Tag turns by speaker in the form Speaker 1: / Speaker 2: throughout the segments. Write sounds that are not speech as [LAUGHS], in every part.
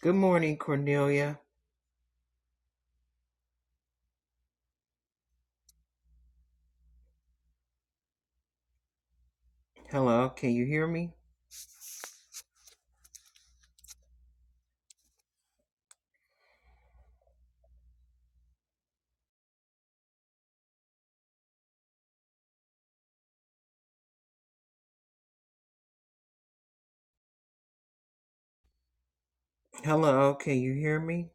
Speaker 1: Good morning, Cornelia. Hello, can you hear me? Hello, can you hear me?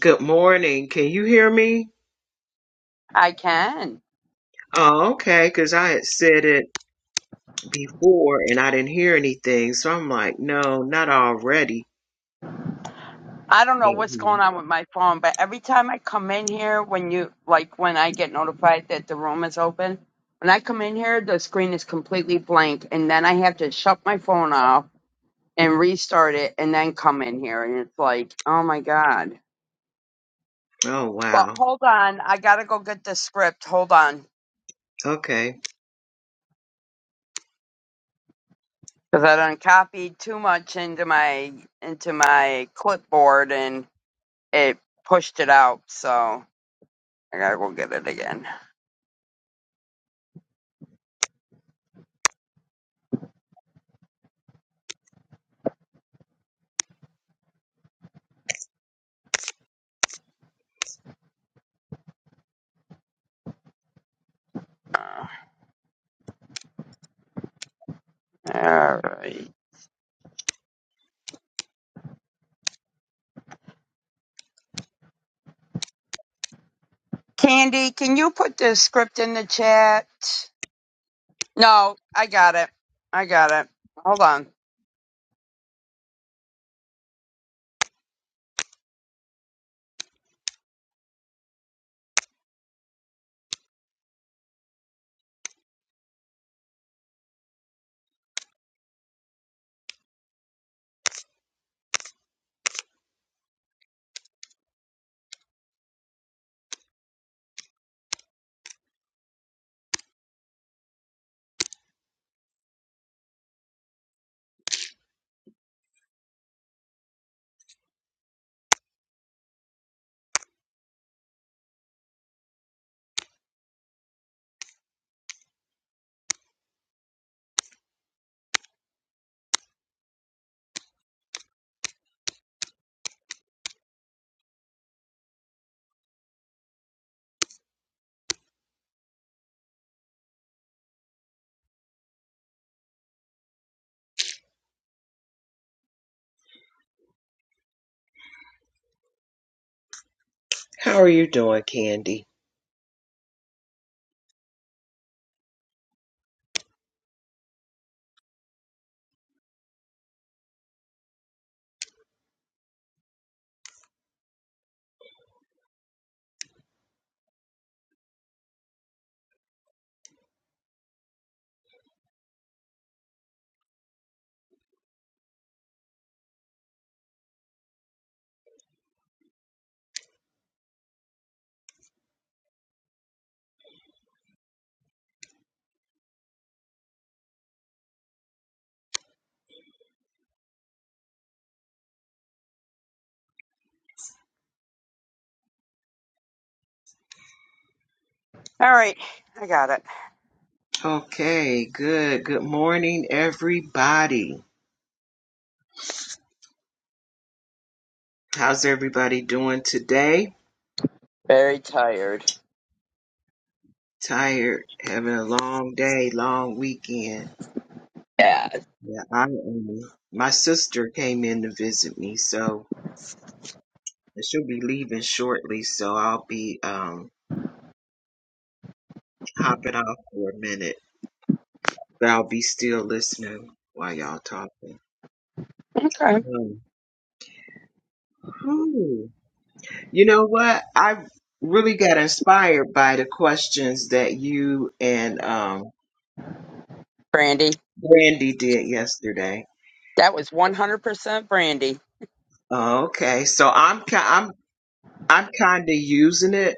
Speaker 1: Good morning, can you hear me? Oh, okay, because I had said it before and I didn't hear anything. So I'm like, no, not already. Can't hear. Oh, wow. Okay. How are you doing, Candy? Okay, good. Good morning, everybody. How's everybody doing today? Tired, having a long day, long weekend. Yeah, I um, my sister came in to visit me, so and she'll be leaving shortly. So I'll be um hopping off for a minute, but I'll be still listening while y'all talking. Um, whew. you know what? I really got inspired by the questions that you and um Brandy did yesterday. Oh, okay, so I'm ki- I'm I'm kind of using it,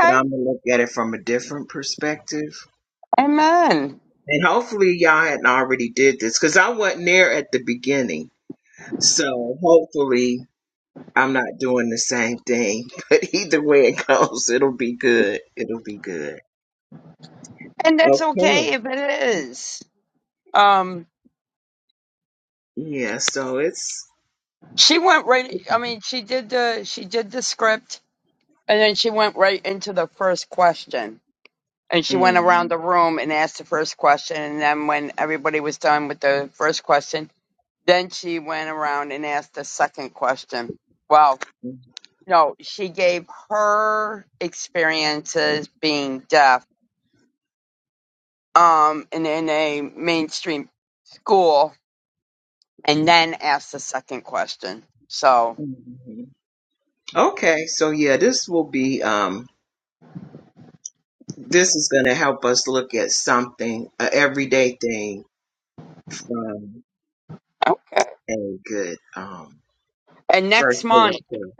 Speaker 1: but I'm gonna look at it from a different perspective. And hopefully y'all hadn't already did this because I wasn't there at the beginning. So hopefully I'm not doing the same thing. [LAUGHS] But either way it goes, it'll be good. It'll be good. Okay. Yeah, so it's mm, mm, mm. okay. So yeah, this will be um this is gonna help us look at something, a everyday thing from a good um birthday.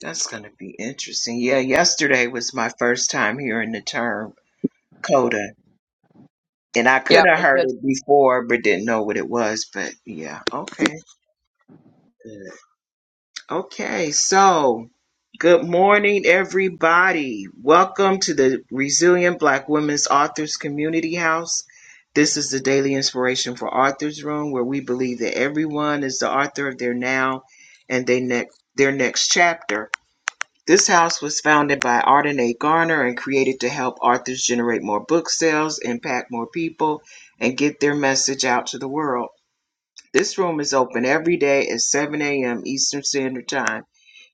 Speaker 1: That's going to be interesting. Yeah, yesterday was my first time hearing the term coda, and I could have heard it before but didn't know what it was. But yeah, okay. Good. Okay, so good morning, everybody. Welcome to the Resilient Black Women's Authors Community House. This is the daily inspiration for Authors Room, where we believe that everyone is the author of their now and they next their next chapter. This house was founded by Arden A. Garner and created to help authors generate more book sales, impact more people, and get their message out to the world. This room is open every day at 7 a.m. Eastern Standard Time.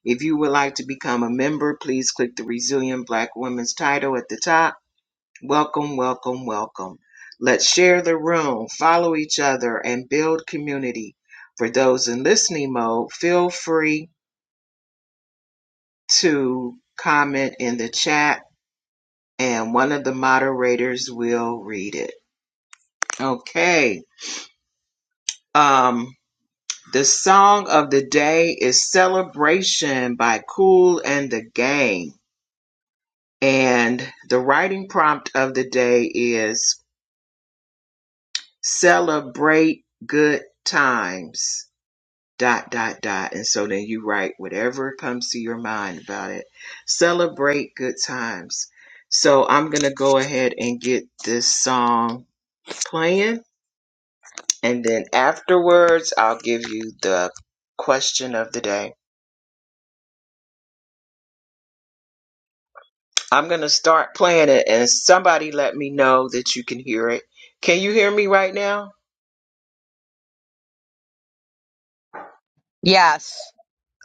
Speaker 1: If you would like to become a member, please click the Resilient Black Women's title at the top. Welcome, welcome, welcome. Let's share the room, follow each other, and build community. For those in listening mode, feel free to comment in the chat and one of the moderators will read it. Okay. Um, the song of the day is Celebration by Cool and the Gang. And the writing prompt of the day is Celebrate Good Times. Dot, dot, dot. And so then you write whatever comes to your mind about it. Celebrate good times. So I'm going to go ahead and get this song playing And then afterwards, I'll give you the question of the day. I'm going to start playing it, and somebody let me know that you can hear it. Can you hear me right now?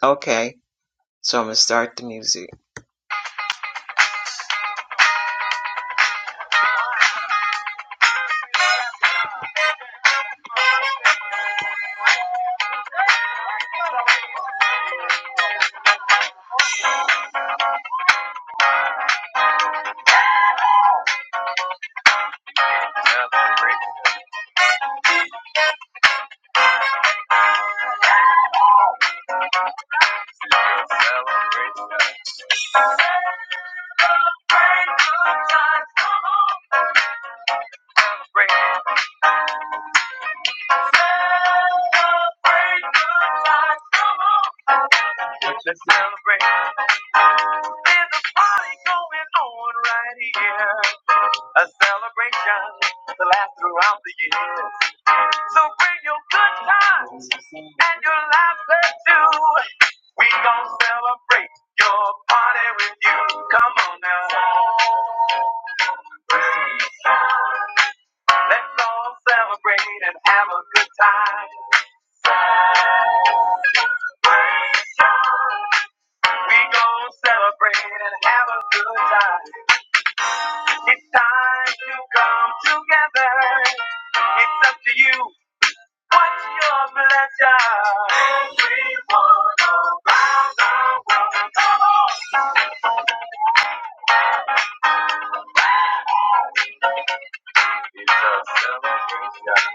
Speaker 1: Okay, so I'm going to start the music. Celebrate good times, come on. Let's celebrate. There's a party going on right here. A celebration to last throughout the years. So bring your good times and your laughter too. We gon' celebrate your party with you. Come on now. Let's all celebrate and have a good time. We gon' celebrate and have a good time. It's time to come together. It's up to you. What's your pleasure? Everyone around the world. Come on. It's a celebration.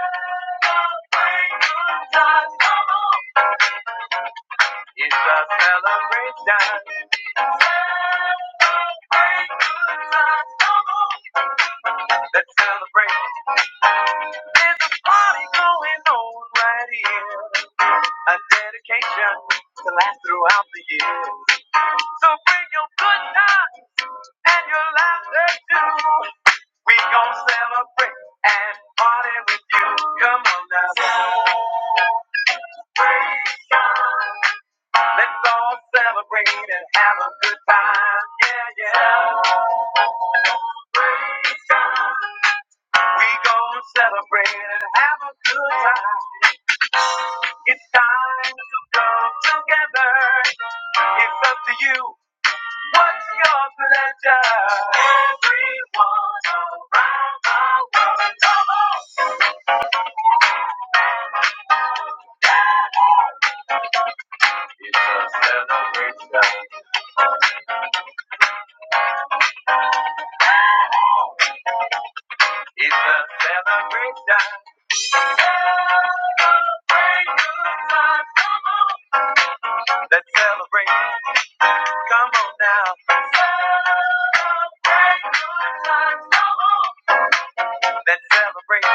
Speaker 1: Celebrate good times, Come on. It's a celebration. Celebrate good times, Come on. Let's celebrate. There's a party going on right here. A dedication to last throughout the year. So bring your good time and your laughter too. We gon' celebrate and party with you. Come on now. Celebration. Let's all celebrate and have a good time. Yeah, yeah. Celebration. We gon' celebrate and have a good time. It's time to come together. It's up to you. What's your pleasure? Everyone's around the world. Come on. It's a celebration. It's a celebration. Celebrate good times. Come on. Let's celebrate. Come on now. Celebrate good times. Come on. Let's celebrate.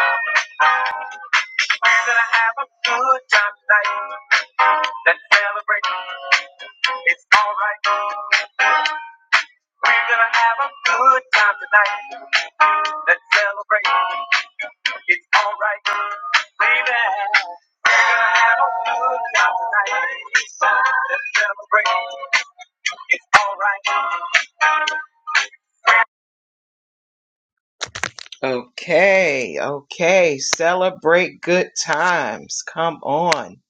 Speaker 1: We're gonna have a good time tonight. Let's celebrate. It's alright. We're gonna have a good time tonight. Let's celebrate. It's alright. Baby. We're gonna have a good time tonight. Let's celebrate. It's alright. Okay, okay. Celebrate good times. Come on.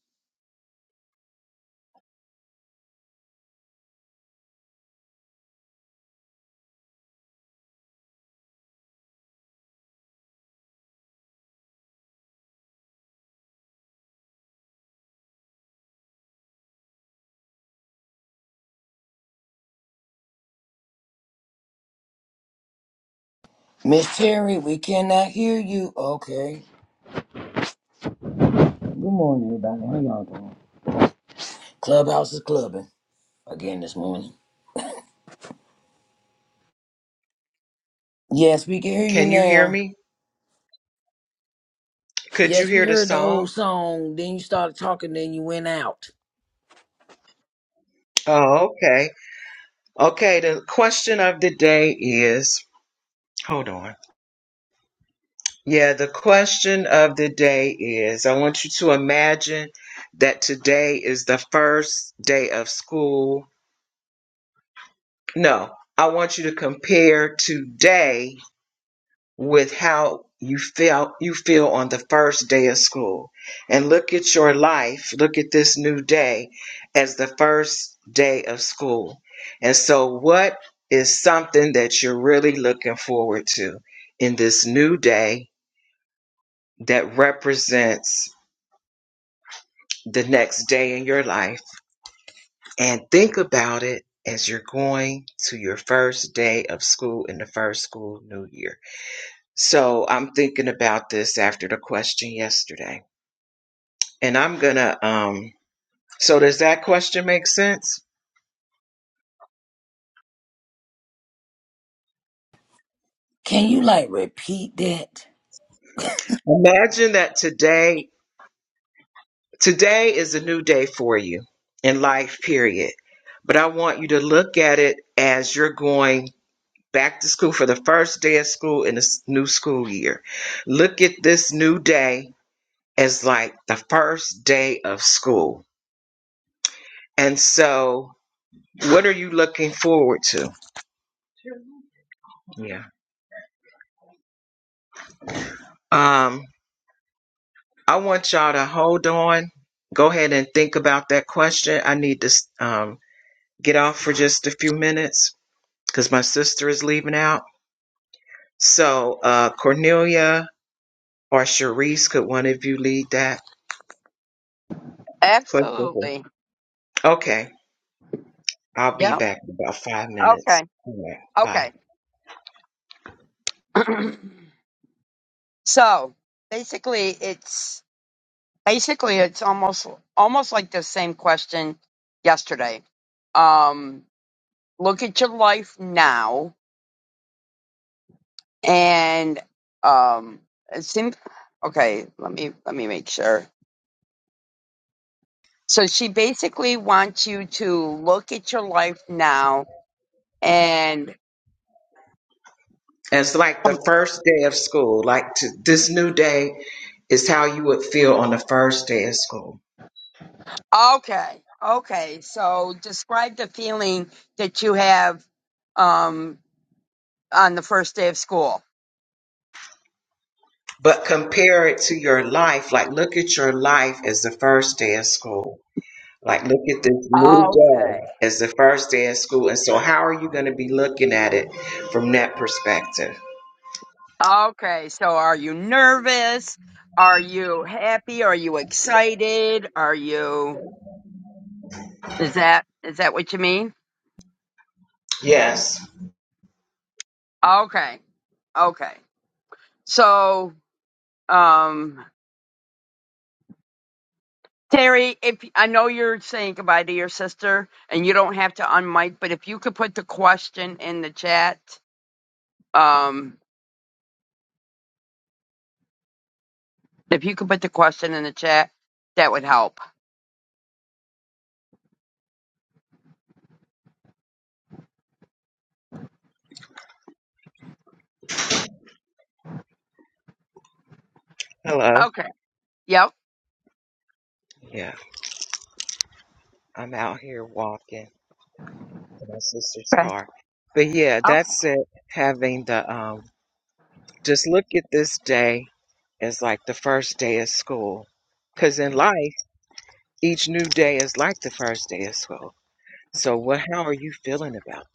Speaker 2: Miss Terry, we cannot hear you. Okay. Good morning, everybody. How y'all doing? Clubhouse is clubbing again this morning. Yes, we can hear you
Speaker 1: Can you hear
Speaker 2: now.
Speaker 1: me? Could you
Speaker 2: Yes, we
Speaker 1: hear the
Speaker 2: heard the whole
Speaker 1: song?
Speaker 2: song. Then you started talking, then you went out.
Speaker 1: Oh, okay. Okay, the question of the day is hold on. Yeah, the question of the day is I want you to imagine that today is the first day of school. No, I want you to compare today with how you feel you feel on the first day of school and look at your life look at this new day as the first day of school and so what is something that you're really looking forward to in this new day that represents the next day in your life and think about it as you're going to your first day of school in the first school new year so i'm thinking about this after the question yesterday and I'm gonna um so does that question make sense?
Speaker 2: Can you like repeat that?
Speaker 1: Imagine that today today is a new day for you in life, period. But I want you to look at it as you're going back to school for the first day of school in this new school year. Look at this new day as like the first day of school. And so what are you looking forward to? Yeah. Um. I want y'all to hold on. Go ahead and think about that question. I need to um, get off for just a few minutes because my sister is leaving out. So, uh, Cornelia or Cherise, could one of you lead that question? Okay, I'll be back in about five minutes. All right, bye. It's like the first day of school. Like to, this new day is how you would feel on the first day of school. but compare it to your life. Like, look at your life as the first day of school. Like, look at this new day as the first day of school. And so, how are you going to be looking at it from that perspective? Yes. Hello. Yeah, I'm out here walking to my sister's car. But yeah, that's it. Having the, um, just look at this day as like the first day of school. Because in life, each new day is like the first day of school. So what how are you feeling about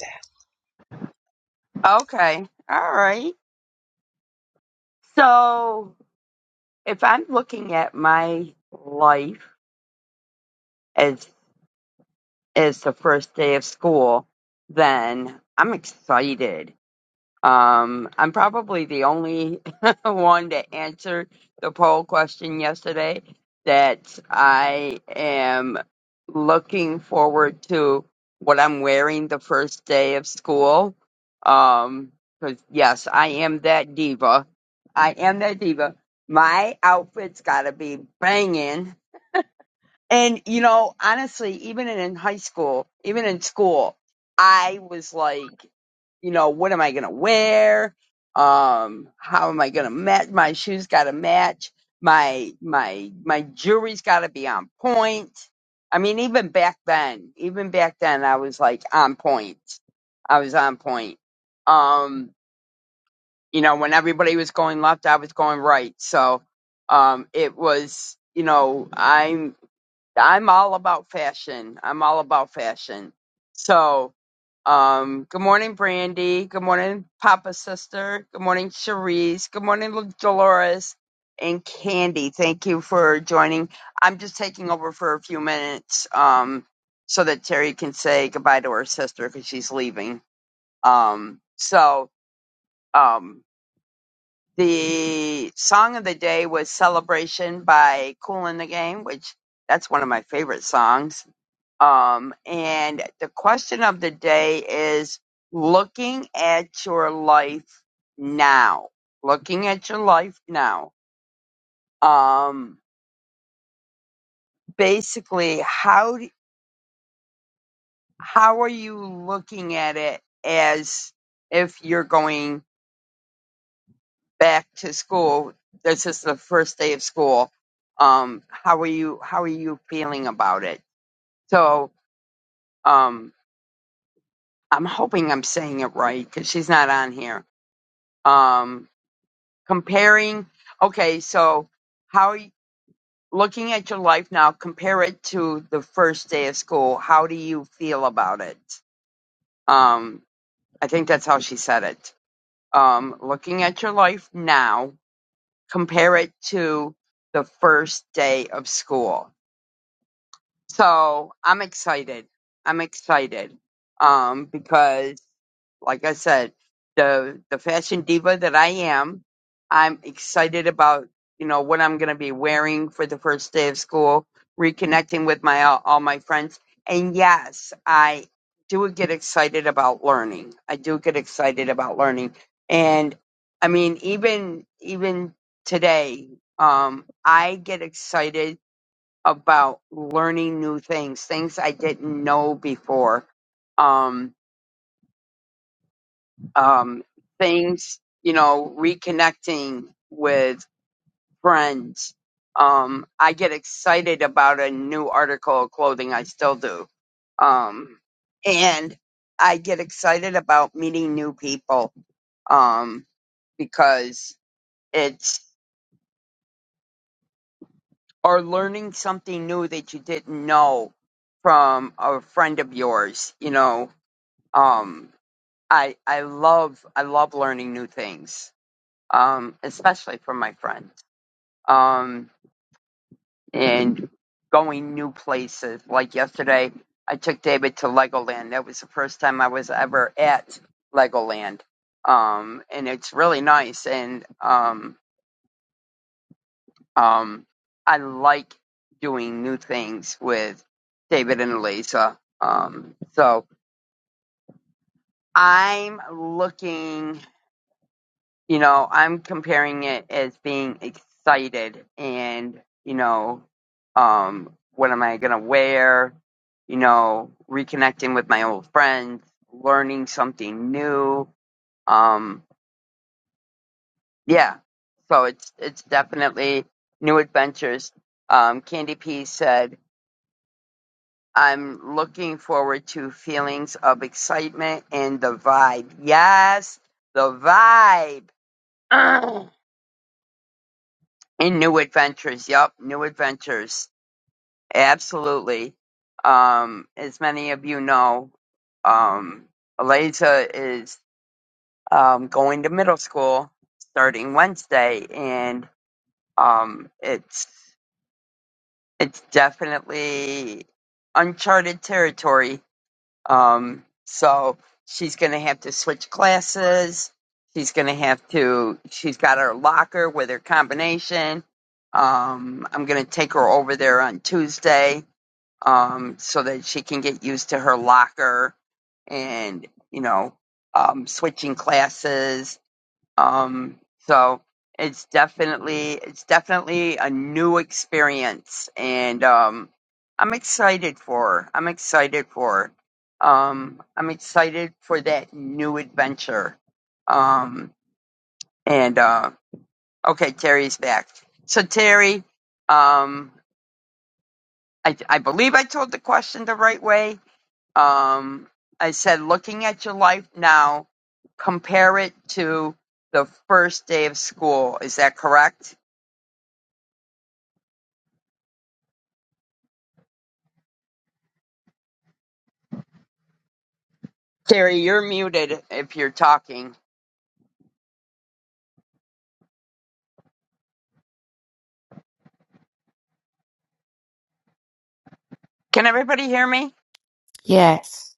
Speaker 3: Yes.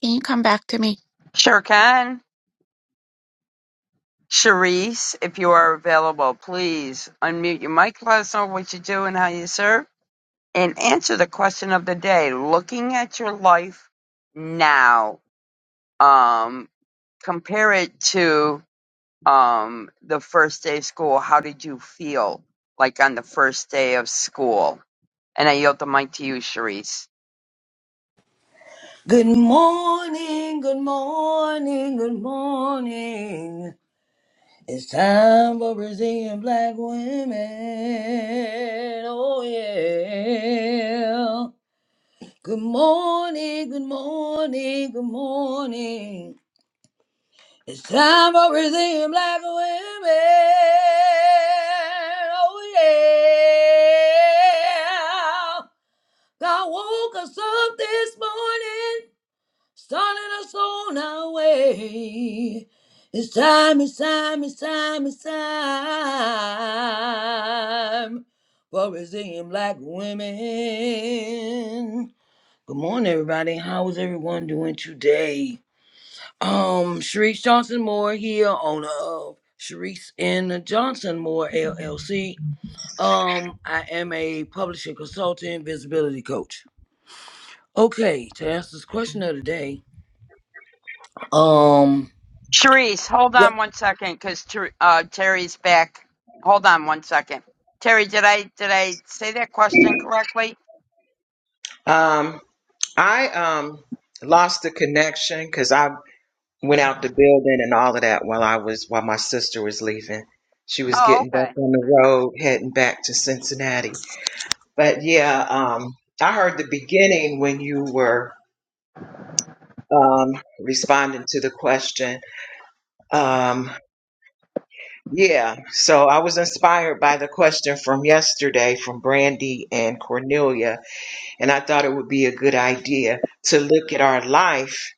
Speaker 3: Can you come in?
Speaker 2: Good morning, good morning, good morning. It's time for Brazilian black women. Oh, yeah. Good morning, good morning, good morning. It's time for Brazilian black women. Oh yeah. God woke us up this morning, starting us on our way. It's time, it's time, it's time, it's time for Brazilian black women. Good morning, everybody. How is everyone doing today? Um, Sharice Johnson Moore here, owner of Sharice and Johnson Moore LLC. Um, I am a publisher, consultant, visibility coach. Okay, to answer this question of the day, um, yep.
Speaker 1: that? Um I um lost the connection cuz I went out the building and all of that while I was while my sister was leaving. She was getting back on the road heading back to Cincinnati. But yeah, um I heard the beginning when you were um responding to the question. Um Yeah, so I was inspired by the question from yesterday from Brandy and Cornelia, and I thought it would be a good idea to look at our life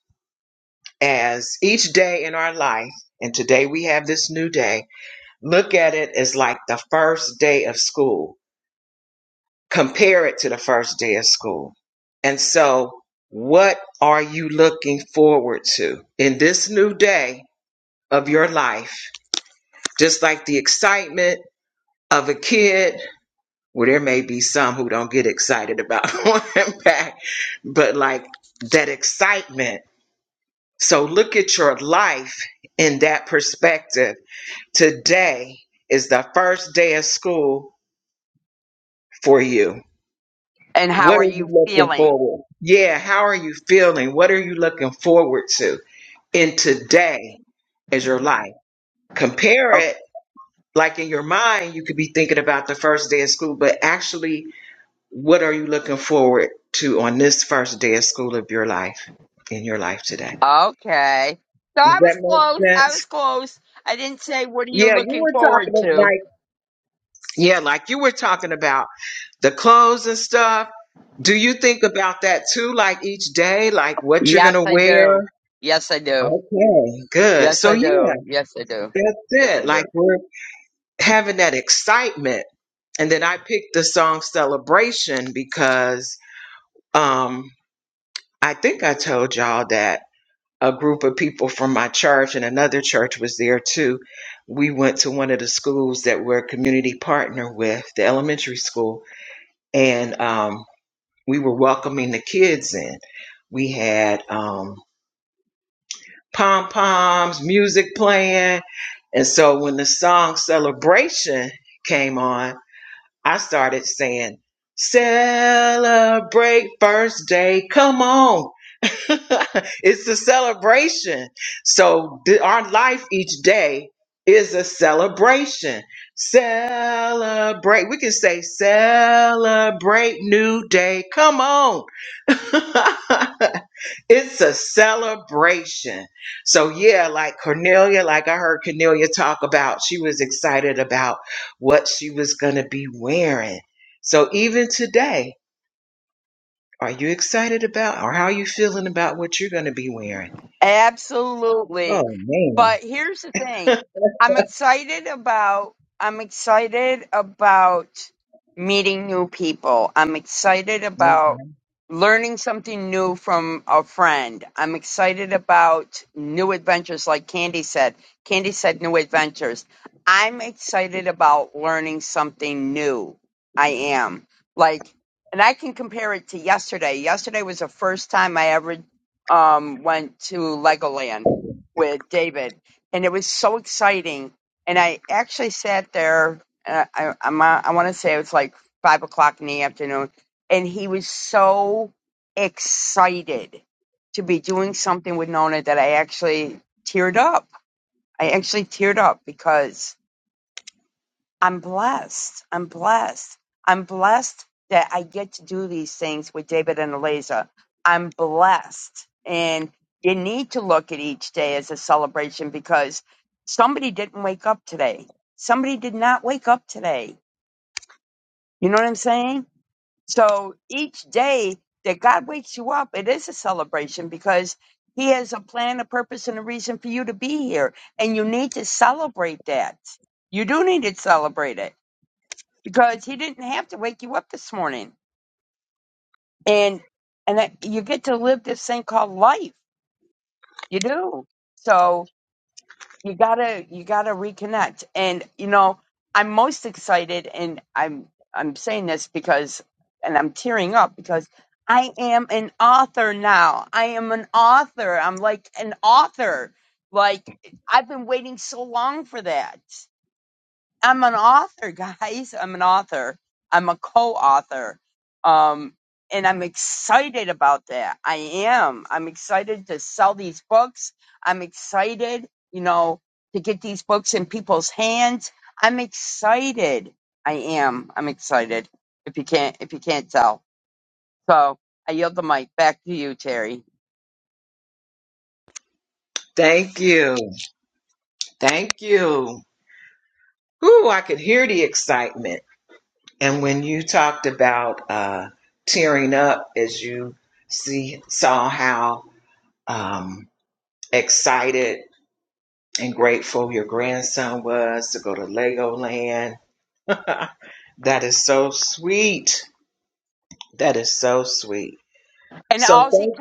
Speaker 1: as each day in our life, and today we have this new day, look at it as like the first day of school, compare it to the first day of school. And so, what are you looking forward to in this new day of your life? Just like the excitement of a kid Well, there may be some who don't get excited about [LAUGHS] going back, but like that excitement. So look at your life in that perspective. Today is the first day of school for you. What are you looking forward? Yeah, how are you feeling? What are you looking forward to And today is your life? Compare it like in your mind, you could be thinking about the first day of school, but actually What are you looking forward to on this first day of school of your life, in your life today? Does that make sense? Yeah, you were talking about, like, yeah, like you were talking about the clothes and stuff. Do you think about that too, like each day, like what you're going to wear? Okay, good. So, yeah, that's it. Like, we're having that excitement. And then I picked the song Celebration because um, I think I told y'all that a group of people from my church and another church was there too. We went to one of the schools that we're a community partner with, the elementary school, and um, we were welcoming the kids in. We had um, pom poms, music playing, and so when the song "Celebration" came on, I started saying. Celebrate first day. Come on. [LAUGHS] it's a celebration. So th- our life each day is a celebration. Celebrate. We can say celebrate new day. Come on. [LAUGHS] it's a celebration. So yeah, like Cornelia, like I heard Cornelia talk about, she was excited about what she was going to be wearing. So even today, are you excited about or how are you feeling about what you're going to be wearing? Oh man. Okay. Thank you. Thank you. Ooh, I could hear the excitement. And when you talked about uh, tearing up as you see saw how um, excited and grateful your grandson was to go to Legoland, that is so sweet. That is so sweet. So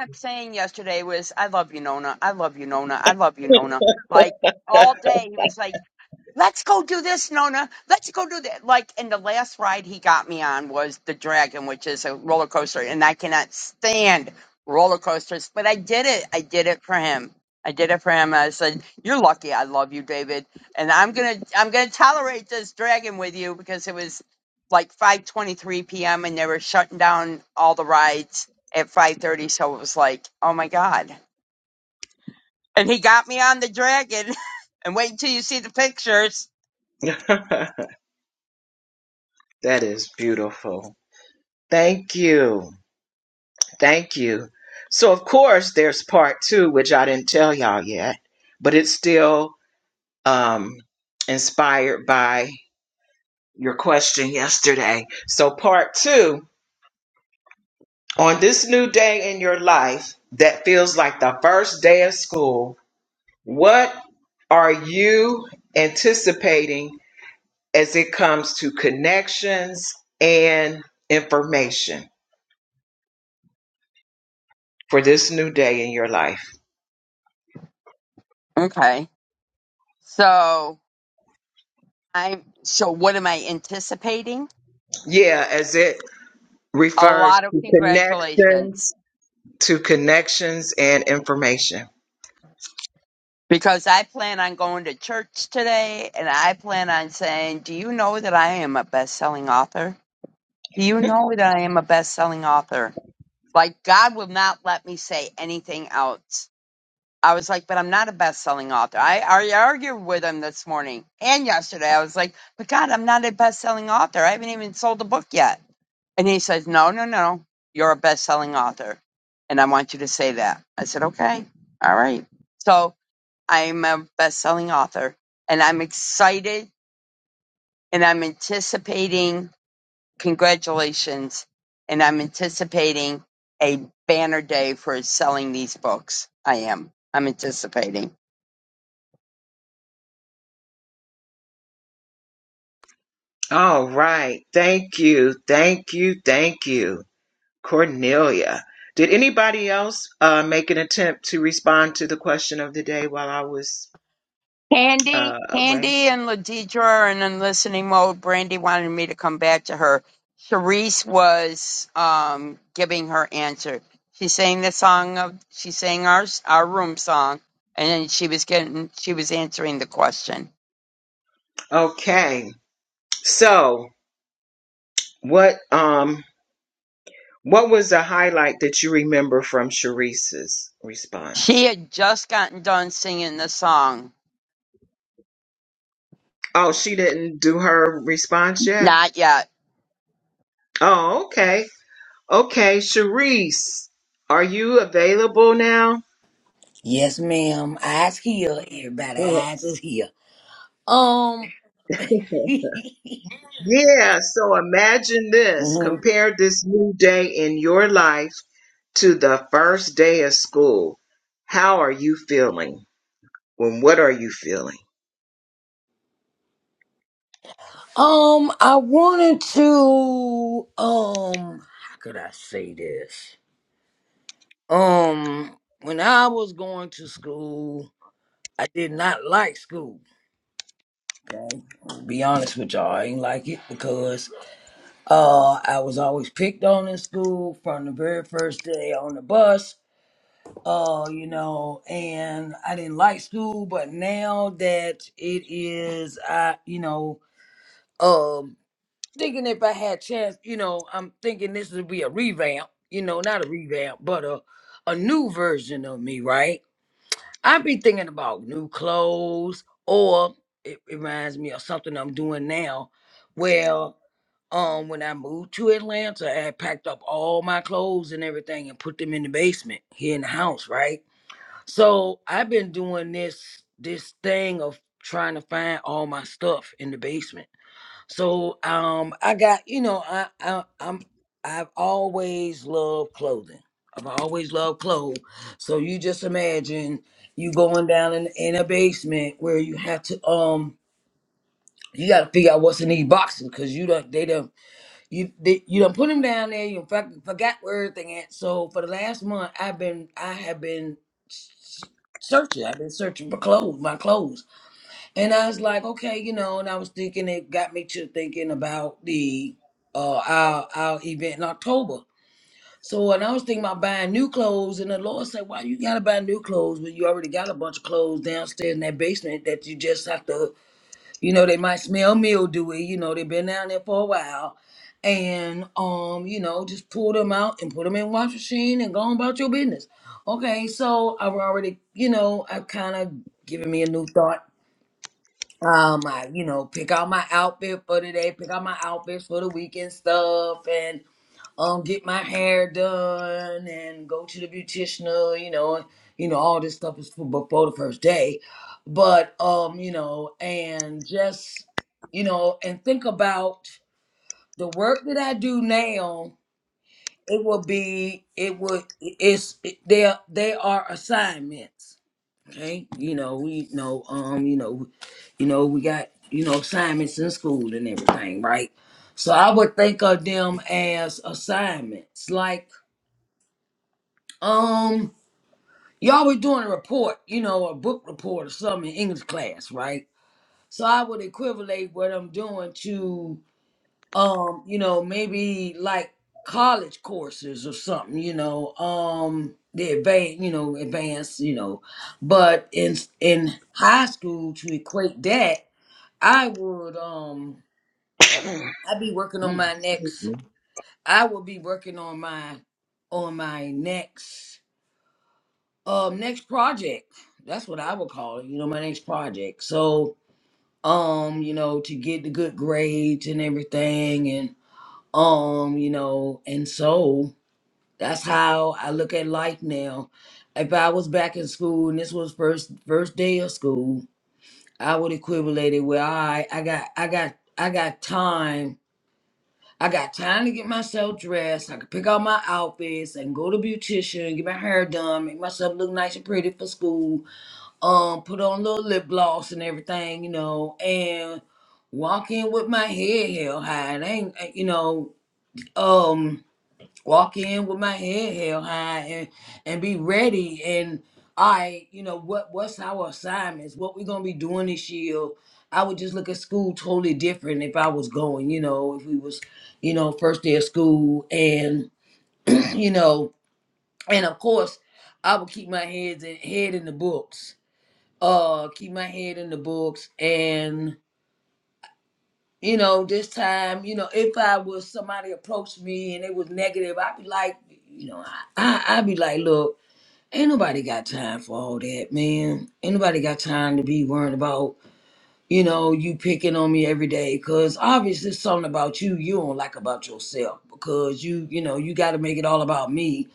Speaker 1: thank you. [LAUGHS] that is beautiful. Thank you. Thank you. So, of course, there's part two, which I didn't tell y'all yet, but it's still um, inspired by your question yesterday. So, part two on this new day in your life that feels like the first day of school, what are you anticipating as it comes to connections and information for this new day in your life? Yeah, as it refers to connections to connections and information. All right. Thank you. Thank you. Thank you. Cornelia. Did anybody else uh, make an attempt to respond to the question of the day while I was uh, away? Okay. So what um what was the highlight that you remember from Sharice's response? Oh, she didn't do her response yet? Oh, okay. Okay, Sharice, are you available now?
Speaker 2: yes, ma'am. Eyes here, everybody.
Speaker 1: Oh.
Speaker 2: Eyes is here. Um,
Speaker 1: [LAUGHS]
Speaker 2: [LAUGHS]
Speaker 1: Yeah, so imagine this.
Speaker 2: mhm.
Speaker 1: Compare this new day in your life to the first day of school. How are you feeling? When what are you feeling?
Speaker 2: um, I wanted to, um, how could I say this? Um, when I was going to school, I did not like school. Okay, to be honest with y'all, I ain't like it because uh I was always picked on in school from the very first day on the bus. Uh, you know, and I didn't like school, but now that it is, I you know, um, thinking if I had chance, you know, I'm thinking this would be a revamp. You know, not a revamp, but a a new version of me, right? I be thinking about new clothes, or it reminds me of something I'm doing now. Well, um, when I moved to Atlanta, I packed up all my clothes and everything and put them in the basement here in the house, right? So I've been doing this this thing of trying to find all my stuff in the basement. So um, I got you know I, I I'm I've always loved clothing. I've always loved clothes. So you just imagine you going down in, in a basement where you have to um you got to figure out what's in these boxes because you don't they don't you they, you don't put them down there. You fucking forgot where everything at. So for the last month I've been I have been s- searching. I've been searching for clothes, my clothes. And I was like, okay, you know, and I was thinking it got me to thinking about the uh our our event in October. So and I was thinking about buying new clothes and the Lord said, Why you gotta buy new clothes when you already got a bunch of clothes downstairs in that basement that you just have to you know, they might smell mildewy, you know, they've been down there for a while. And um, you know, just pull them out and put them in wash machine and go on about your business. Okay, so I've already, you know, I've kind of given me a new thought um, I, you know, pick out my outfit for today, pick out my outfits for the weekend stuff, and um, get my hair done, and go to the beautician, you know, and, you know, all this stuff is for before the first day, but um, you know, and just, you know, and think about the work that I do now. It will be, it would, it's, it, they, are- they are assignments Okay, you know, we you know, um, you know, you know, we got you know assignments in school and everything, right? So I would think of them as assignments, like um, y'all were doing a report, you know, a book report or something in English class, right? So I would equivalate what I'm doing to um you know maybe like college courses or something you know um the advanced you know advanced you know but in in high school to equate that i would um i'd be working on my next i would be working on my on my next um next project that's what i would call it you know my next project so um you know to get the good grades and everything and um you know and so That's how I look at life now. If I was back in school and this was first first day of school, I would equivalent it with all right, I got I got I got time. I got time to get myself dressed. I can pick out my outfits and go to beautician, get my hair done, make myself look nice and pretty for school. Um, put on a little lip gloss and everything, you know, and walk in with my head held high. And ain't you know, um walk in with my head held high and and be ready and all right you know what what's our assignments what we're gonna be doing this year i would just look at school totally different if i was going you know if we was you know first day of school and [CLEARS THROAT] you know and of course i would keep my heads in, head in the books uh keep my head in the books and you know this time you know if i was somebody approached me and it was negative i'd be like you know i, I i'd be like look Ain't nobody got time for all that, man. Ain't nobody got time to be worrying about, you know, you picking on me every day. Cause obviously it's something about you you don't like about yourself. Because you, you know, you gotta make it all about me.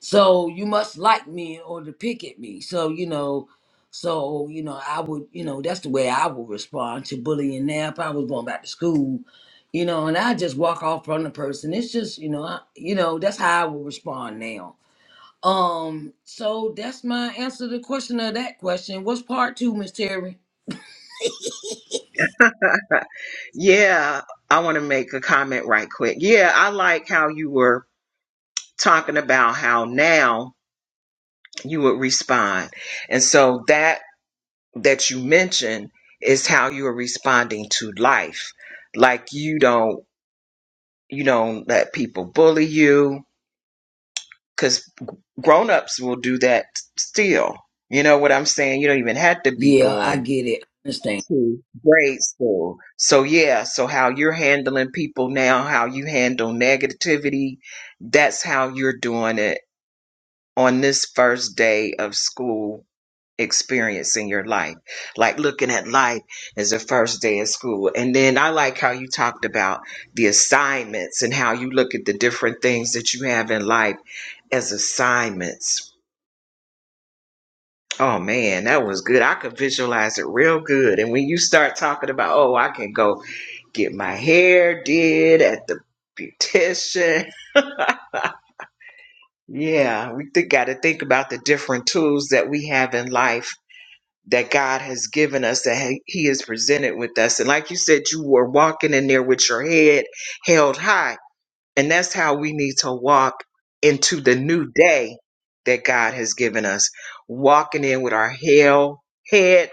Speaker 2: So you must like me in order to pick at me. So, you know, so, you know, I would, you know, that's the way I would respond to bullying now if I was going back to school. You know, and I just walk off from the person. It's just, you know, I, you know, that's how I would respond now um, so that's my answer to the question of that question. What's part two, Miss Terry?
Speaker 1: Yeah, I want to make a comment right quick. Yeah, I like how you were talking about how now you would respond. And so that that you mentioned is how you're responding to life. Like you don't you don't let people bully you because grown-ups will do that still. You know what I'm saying? You don't even have to be
Speaker 2: Yeah, I
Speaker 1: going
Speaker 2: get it. I understand.
Speaker 1: to grade school. So yeah, so how you're handling people now, how you handle negativity, that's how you're doing it on this first day of school experience in your life like looking at life as the first day of school and then i like how you talked about the assignments and how you look at the different things that you have in life as assignments oh man that was good i could visualize it real good and when you start talking about oh i can go get my hair did at the beautician [LAUGHS] yeah we got to think about the different tools that we have in life that God has given us, that He He has presented with us. And like you said, you were walking in there with your head held high. And that's how we need to walk into the new day that God has given us, walking in with our held, head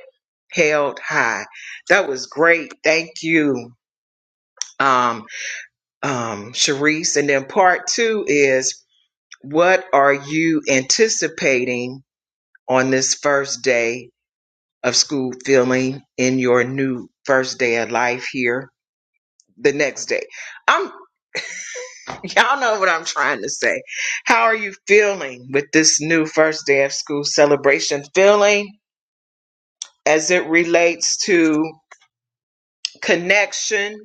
Speaker 1: held high. That was great. Thank you, um, um, Sharice. And then part two is what are you anticipating on this first day of school feeling in your new first day of life here the next day i'm [LAUGHS] y'all know what i'm trying to say how are you feeling with this new first day of school celebration feeling as it relates to connection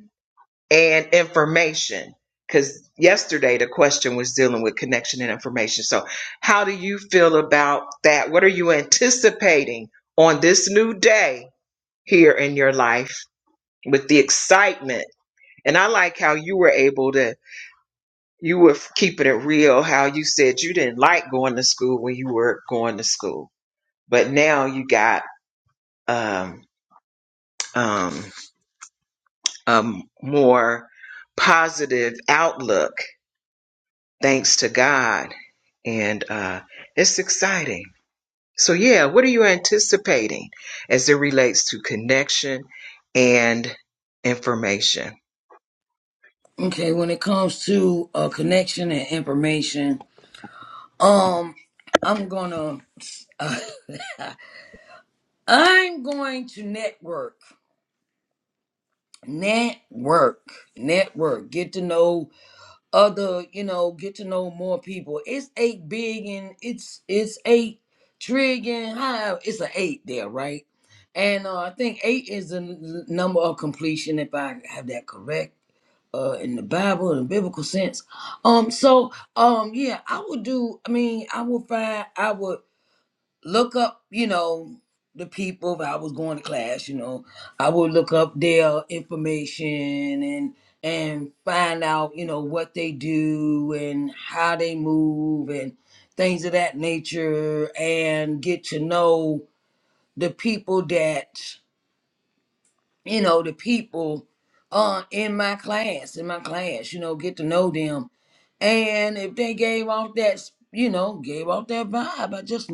Speaker 1: and information because yesterday the question was dealing with connection and information so how do you feel about that what are you anticipating on this new day here in your life with the excitement And I like how you were able to, you were keeping it real, how you said you didn't like going to school when you were going to school. But now you got um, um, a more positive outlook, thanks to God. And uh, it's exciting. So, yeah, what are you anticipating as it relates to connection and information?
Speaker 2: Okay, when it comes to uh, connection and information, um, I'm gonna, uh, [LAUGHS] I'm going to network, network, network. Get to know other you know get to know more people it's eight billion it's it's eight trillion how it's an eight there right and uh, i think eight is the n- number of completion if i have that correct uh in the bible in the biblical sense um so um yeah i would do i mean i would find i would look up, you know, the people that I was going to class, you know, I would look up their information and and find out, you know, what they do and how they move and things of that nature and get to know the people that, you know, the people uh in my class, in my class, you know, get to know them and if they gave off that, you know, gave off that vibe, I just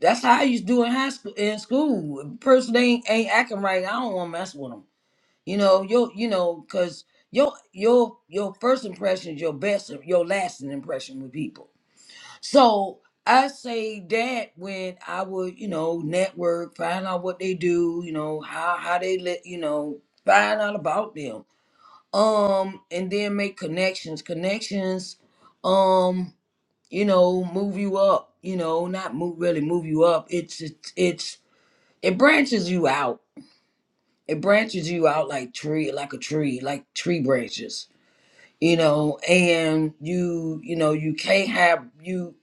Speaker 2: that's how I used to do in high school. In school, if a person ain't ain't acting right, I don't want to mess with them. You know, you you know, cause your your your first impression is your best, your lasting impression with people. So I say that when I would, you know, network, find out what they do, you know, how how they let, you know, find out about them um and then make connections connections um you know move you up you know not move really move you up it's it's, it's it branches you out it branches you out like tree like a tree like tree branches you know and you you know you can't have you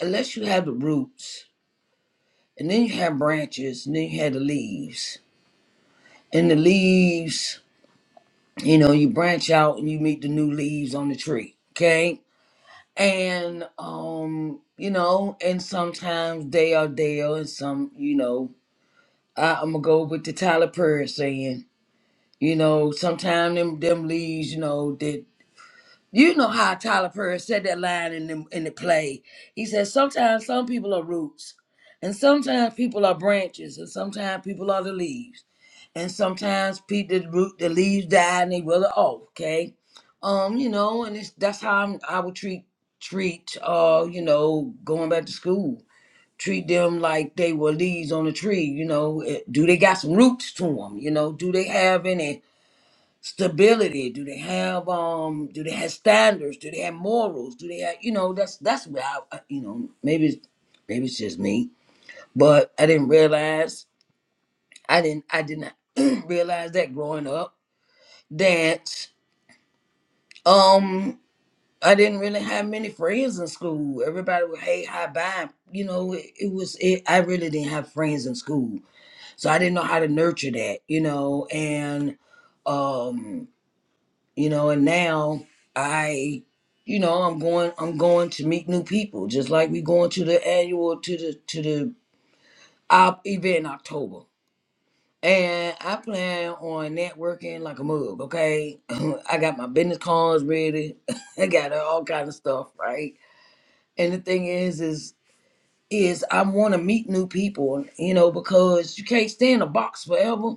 Speaker 2: unless you have the roots and then you have branches and then you have the leaves and the leaves you know you branch out and you meet the new leaves on the tree okay and um you know and sometimes they are Dale and some you know I, i'm gonna go with the tyler perry saying you know sometimes them them leads you know that you know how tyler perry said that line in the in the play he says sometimes some people are roots and sometimes people are branches and sometimes people are the leaves and sometimes people the root the leaves die and they wither off. Okay, um, you know, and it's that's how I'm, I would treat treat uh you know going back to school. Treat them like they were leaves on a tree. You know, Eh, do they got some roots to them? You know, do they have any stability? Do they have um? Do they have standards? Do they have morals? Do they have you know? That's that's where I I- you know maybe it's- maybe it's just me, but I didn't realize I didn't I did not [CLEARS THROAT] realize that growing up that um I didn't really have many friends in school. Everybody would hey hi bye. You know, it, it was it I really didn't have friends in school. So I didn't know how to nurture that, you know, and um, you know, and now I you know, I'm going I'm going to meet new people, just like we going to the annual to the to the op event in October. And I plan on networking like a mug, okay? [CLEARS THROAT] I got my business cards ready. [LAUGHS] I got all kind of stuff, right? And the thing is, is is I want to meet new people, you know, because you can't stay in a box forever.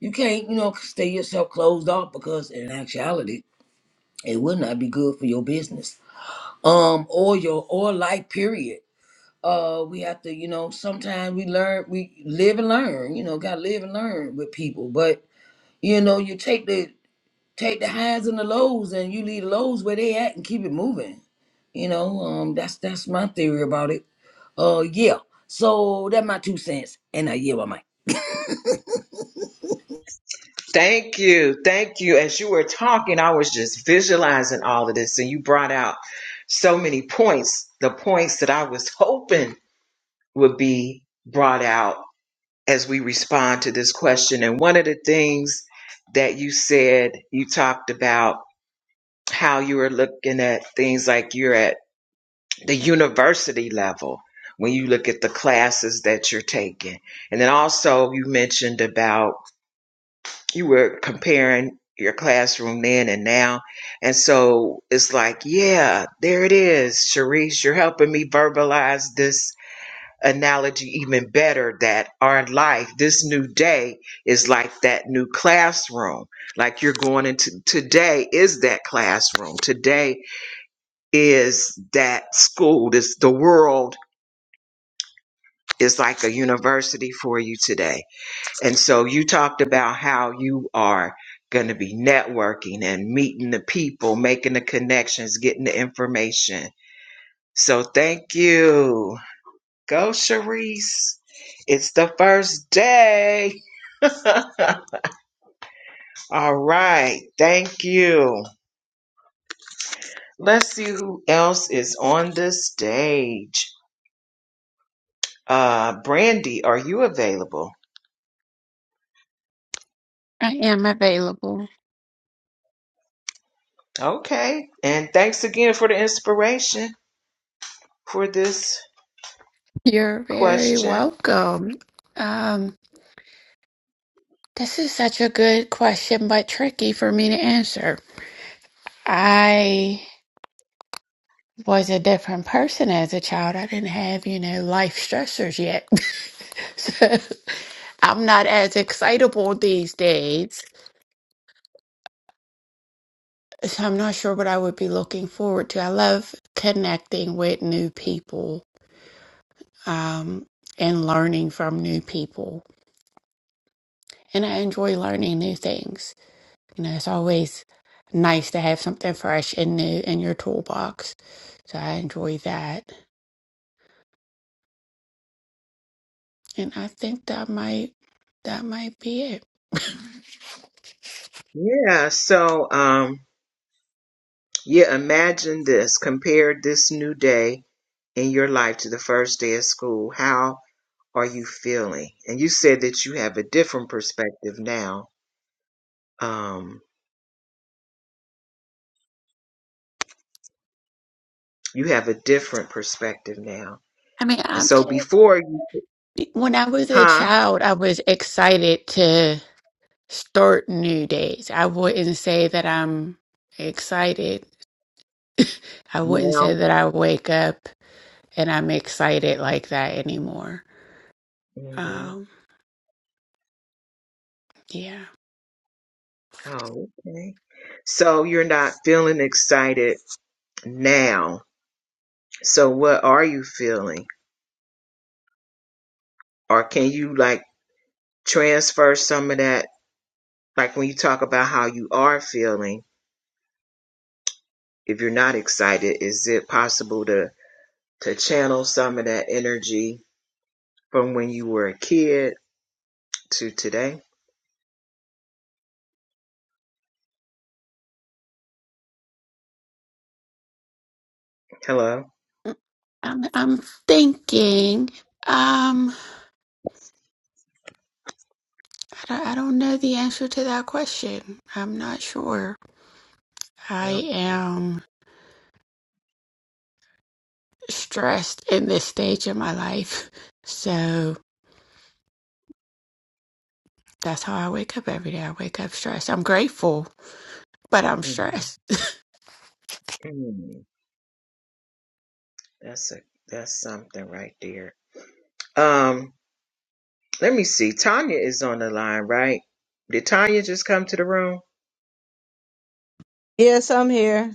Speaker 2: You can't, you know, stay yourself closed off because in actuality, it will not be good for your business, um, or your or life period. Uh, we have to, you know, sometimes we learn, we live and learn. You know, gotta live and learn with people, but You know, you take the take the highs and the lows, and you leave the lows where they at, and keep it moving. You know, um, that's that's my theory about it. Uh, yeah. So that's my two cents, and I yield my mic.
Speaker 1: Thank you. Thank you. As you were talking, I was just visualizing all of this, and you brought out so many points, the points that I was hoping would be brought out as we respond to this question. And one of the things that you said, you talked about how you were looking at things like you're at the university level when you look at the classes that you're taking. And then also, you mentioned about you were comparing your classroom then and now. And so it's like, yeah, there it is, Sharice. You're helping me verbalize this analogy even better that our life, this new day, is like that new classroom. Like you're going into today is that classroom. Today is that school. This the world is like a university for you today And so you talked about how you are going to be networking and meeting the people, making the connections, getting the information. So thank you. Go, Sharice. It's the first day. All right. Thank you. Let's see who else is on the stage. Uh, Brandy, are you available?
Speaker 3: I am available.
Speaker 1: Okay. And thanks again for the inspiration for this
Speaker 3: You're very
Speaker 1: question.
Speaker 3: welcome. Um, this is such a good question, but tricky for me to answer. I was a different person as a child. I didn't have, you know, life stressors yet. [LAUGHS] so I'm not as excitable these days. So I'm not sure what I would be looking forward to. I love connecting with new people um, and learning from new people. and I enjoy learning new things. You know, it's always nice to have something fresh and new in your toolbox. So I enjoy that. And I think that might that might be it.
Speaker 1: Yeah. So, um, Yeah, imagine this. Compare this new day in your life to the first day of school. How are you feeling? And you said that you have a different perspective now. Um, you have a different perspective now.
Speaker 3: I mean,
Speaker 1: And
Speaker 3: I'm
Speaker 1: so
Speaker 3: just
Speaker 1: before you,
Speaker 3: when I was a
Speaker 1: huh?
Speaker 3: child, I was excited to start new days. I wouldn't say that I'm excited. I wouldn't
Speaker 1: Now.
Speaker 3: say that I wake up and I'm excited like that anymore.
Speaker 1: hmm
Speaker 3: Um, yeah.
Speaker 1: Oh, okay. So you're not feeling excited now. So what are you feeling? Or can you like transfer some of that? Like when you talk about how you are feeling, if you're not excited, is it possible to to channel some of that energy from when you were a kid to today? Hello.
Speaker 3: I'm I'm thinking. Um, I don't, I don't know the answer to that question. I'm not sure. I
Speaker 1: Well,
Speaker 3: am stressed in this stage of my life, so that's how I wake up every day. I wake up stressed. I'm grateful, but I'm
Speaker 1: mm,
Speaker 3: stressed.
Speaker 1: mm, that's a that's something right there. Um, let me see. Tanya is on the line, right? Did Tanya just come to the room?
Speaker 4: Yes, I'm here.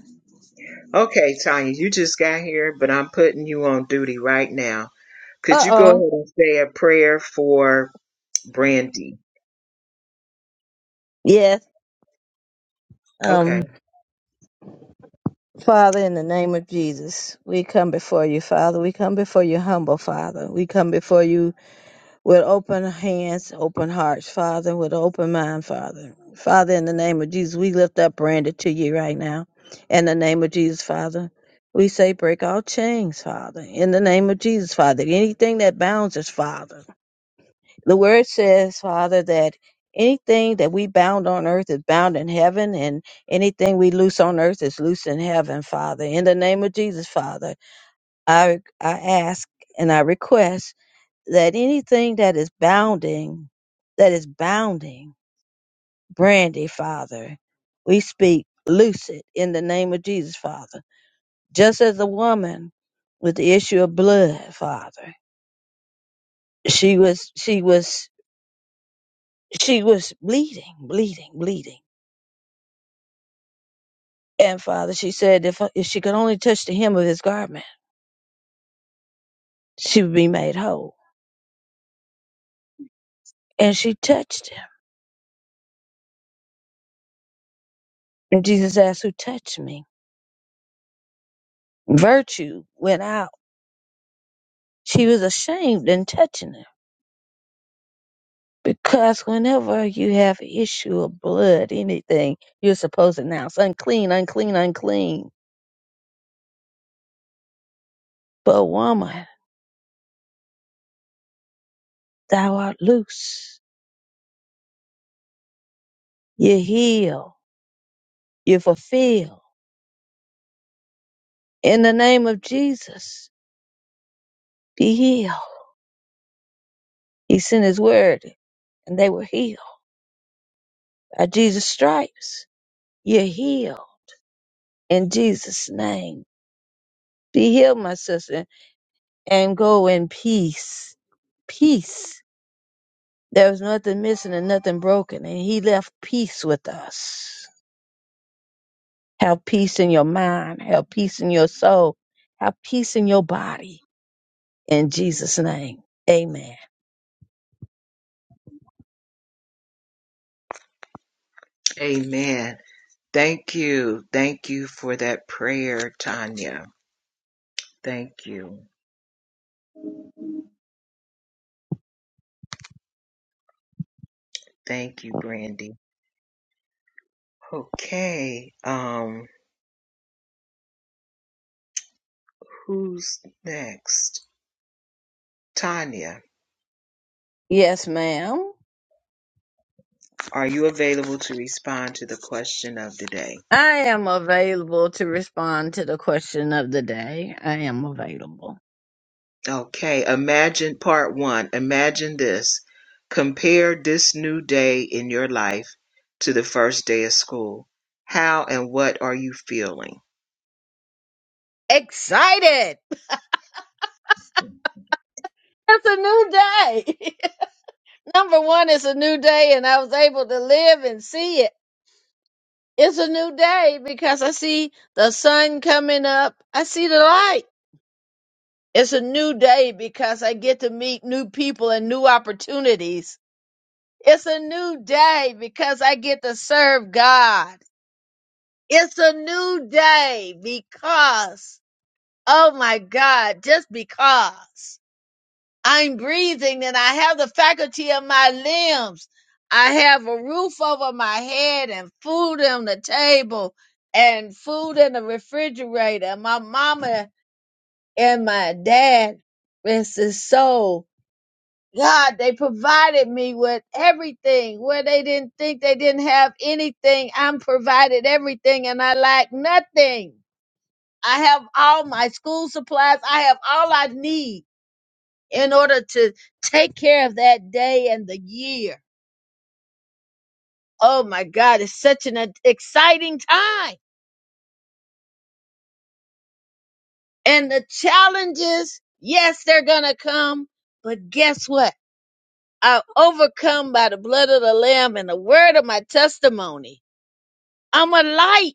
Speaker 1: Okay, Tanya, you just got here, but I'm putting you on duty right now. Could
Speaker 4: Uh
Speaker 1: you go ahead
Speaker 4: oh.
Speaker 1: and say a prayer for Brandy?
Speaker 4: Yes.
Speaker 1: Okay.
Speaker 4: Um, Father, in the name of Jesus, we come before you, Father. We come before you, humble Father. We come before you with open hands, open hearts, Father, with open mind, Father. Father, in the name of Jesus, we lift up Brandon to you right now. In the name of Jesus, Father, we say, break all chains, Father. In the name of Jesus, Father, anything that bounds us, Father. the word says, Father, that anything that we bound on earth is bound in heaven, and anything we loose on earth is loose in heaven, Father. In the name of Jesus, Father, I I ask and I request that anything that is bounding, that is bounding, Brandy, Father, we speak loose it in the name of Jesus, Father. Just as the woman with the issue of blood, Father, she was she was she was bleeding, bleeding, bleeding And Father, she said if, if she could only touch the hem of his garment, she would be made whole. And she touched him. And Jesus asked, Who touched me? Virtue went out. She was ashamed in touching him. Because whenever you have issue of blood, anything, you're supposed to announce unclean, unclean, unclean. But woman, thou art loose. You heal. You fulfill. In the name of Jesus, be healed. He sent his word and they were healed. By Jesus' stripes, you're healed. In Jesus' name, be healed, my sister, and go in peace. Peace. There was nothing missing and nothing broken, and He left peace with us. Have peace in your mind. Have peace in your soul. Have peace in your body. In Jesus' name, Amen.
Speaker 1: Amen. Thank you. Thank you for that prayer, Tanya. Thank you. Thank you, Brandy. Okay. Um, who's next? Tanya,
Speaker 4: Yes, ma'am.
Speaker 1: are you available to respond to the question of the day?
Speaker 4: I am available to respond to the question of the day. I am available.
Speaker 1: Okay. Imagine part one. Imagine this. Compare this new day in your life to the first day of school. How and what are you feeling?
Speaker 4: Excited. It's a new day. [LAUGHS] Number one, it's a new day, and I was able to live and see it. It's a new day because I see the sun coming up. I see the light. It's a new day because I get to meet new people and new opportunities. It's a new day because I get to serve God. It's a new day because, oh my God, just because. I'm breathing and I have the faculty of my limbs. I have a roof over my head and food on the table and food in the refrigerator. And My mama and my dad, rest his soul. God, they provided me with everything where they didn't think they didn't have anything. I'm provided everything and I lack nothing. I have all my school supplies. I have all I need in order to take care of that day and the year. Oh my God, it's such an ex- exciting time. And the challenges, yes, they're going to come, but guess what? I'm overcome by the blood of the Lamb and the word of my testimony. I'm a light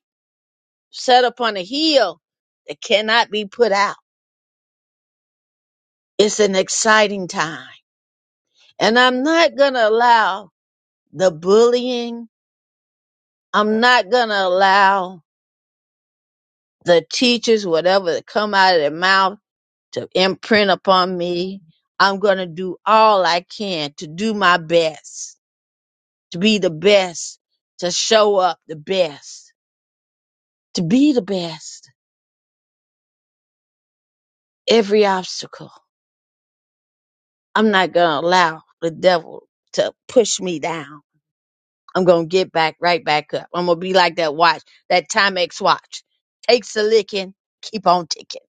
Speaker 4: set upon a hill that cannot be put out. It's an exciting time. And I'm not going to allow the bullying. I'm not going to allow the teachers, whatever that come out of their mouth to imprint upon me. I'm going to do all I can to do my best, to be the best, to show up the best, to be the best. Every obstacle. I'm not going to allow the devil to push me down. I'm going to get back right back up. I'm going to be like that watch, that Timex watch. Takes a licking, keep on ticking.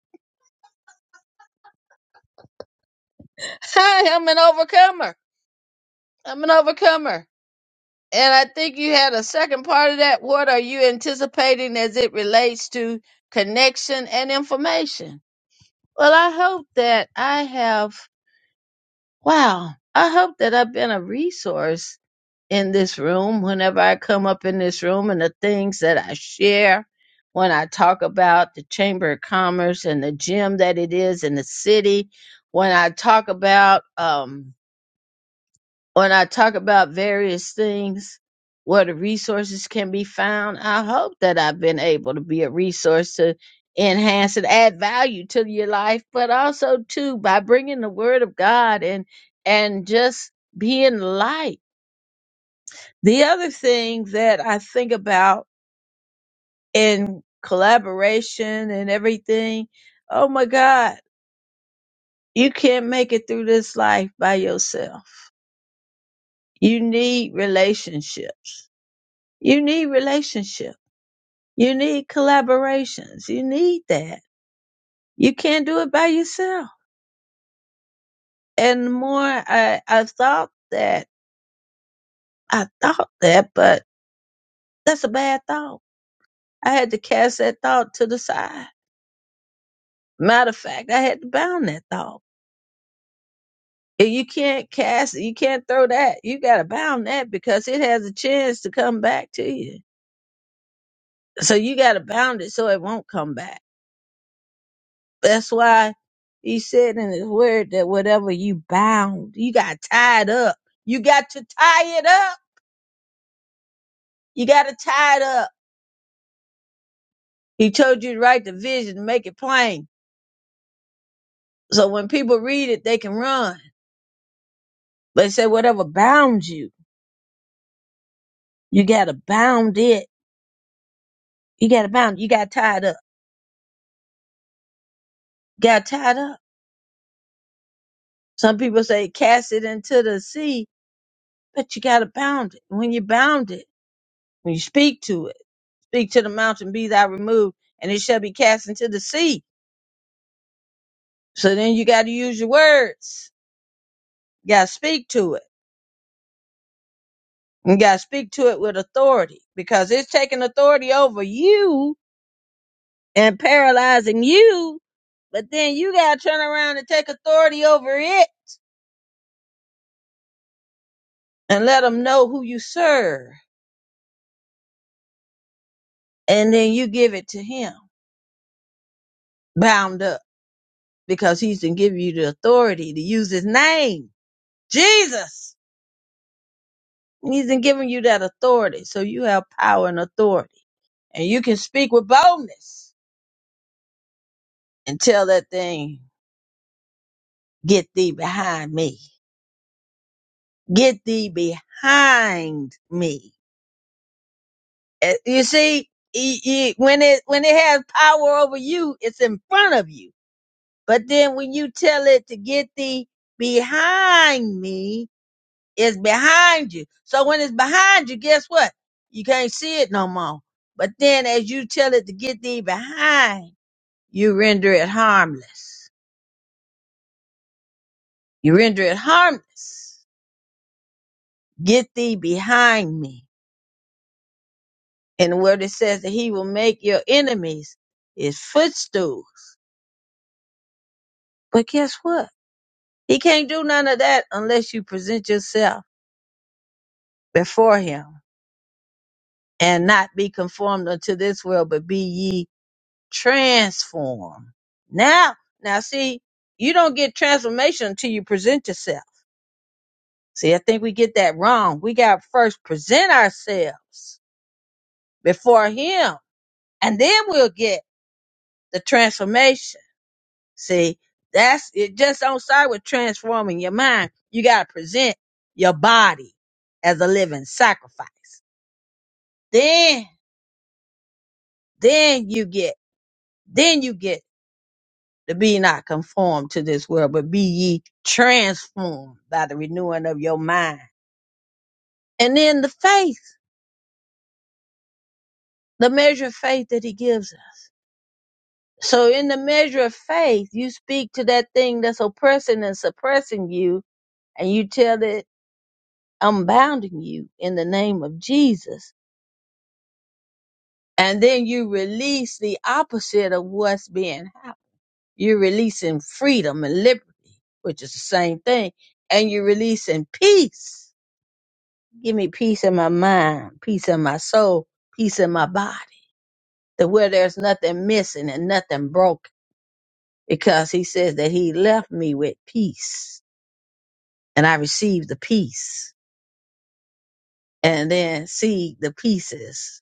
Speaker 4: [LAUGHS] Hi, I'm an overcomer. I'm an overcomer. And I think you had a second part of that. What are you anticipating as it relates to connection and information? Well, I hope that I have, wow, I hope that I've been a resource in this room whenever I come up in this room and the things that I share when I talk about the Chamber of Commerce and the gym that it is in the city, when I talk about, um, when I talk about various things where the resources can be found, I hope that I've been able to be a resource to enhance and add value to your life, but also too by bringing the word of God and and just being light. The other thing that I think about in collaboration and everything, oh my God, you can't make it through this life by yourself. You need relationships You need relationship. You need collaborations. You need that. You can't do it by yourself. And the more I, I thought that, I thought that, but that's a bad thought. I had to cast that thought to the side. Matter of fact, I had to bound that thought. If you can't cast it, you can't throw that. You got to bound that because it has a chance to come back to you. So you got to bound it so it won't come back That's why he said in his word that whatever you bound, you got tied up. You got to tie it up. You got to tie it up. He told you to write the vision and make it plain. So when people read it, they can run. But he said, whatever bound you, you got to bound it. You got to bound. You got tied up. Got tied up. Some people say cast it into the sea, but you got to bound it. When you bound it, when you speak to it, speak to the mountain, be thou removed, and it shall be cast into the sea So then you got to use your words. You got to speak to it. You got to speak to it with authority because it's taking authority over you and paralyzing you. But then you got to turn around and take authority over it and let him know who you serve. And then you give it to him bound up because he's been giving you the authority to use his name, Jesus. He's been giving you that authority. So you have power and authority and you can speak with boldness and tell that thing Get thee behind me. Get thee behind me. Eh, You see, e- e- when it when it has power over you, it's in front of you. But then when you tell it to get thee behind me, it's behind you. So when it's behind you, guess what? You can't see it no more. But then as you tell it to get thee behind, you render it harmless. You render it harmless. Get thee behind me And what it says that he will make your enemies his footstools. But guess what? He can't do none of that unless you present yourself before him and not be conformed unto this world, but be ye transformed. Now, now see, you don't get transformation until you present yourself. See, I think we get that wrong. We got to first present ourselves before him and then we'll get the transformation. See, that's it. Just don't start with transforming your mind. You gotta present your body as a living sacrifice. Then, then you get, then you get to be not conformed to this world, but be ye transformed by the renewing of your mind. And then the faith, the measure of faith that he gives us. So in the measure of faith, you speak to that thing that's oppressing and suppressing you, and you tell it, I'm bounding you in the name of Jesus and then you release the opposite of what's being happened. You're releasing freedom and liberty, which is the same thing, and you're releasing peace. Give me peace in my mind, peace in my soul, peace in my body, that where there's nothing missing and nothing broken, because he says that he left me with peace, and I received the peace, and then see the pieces.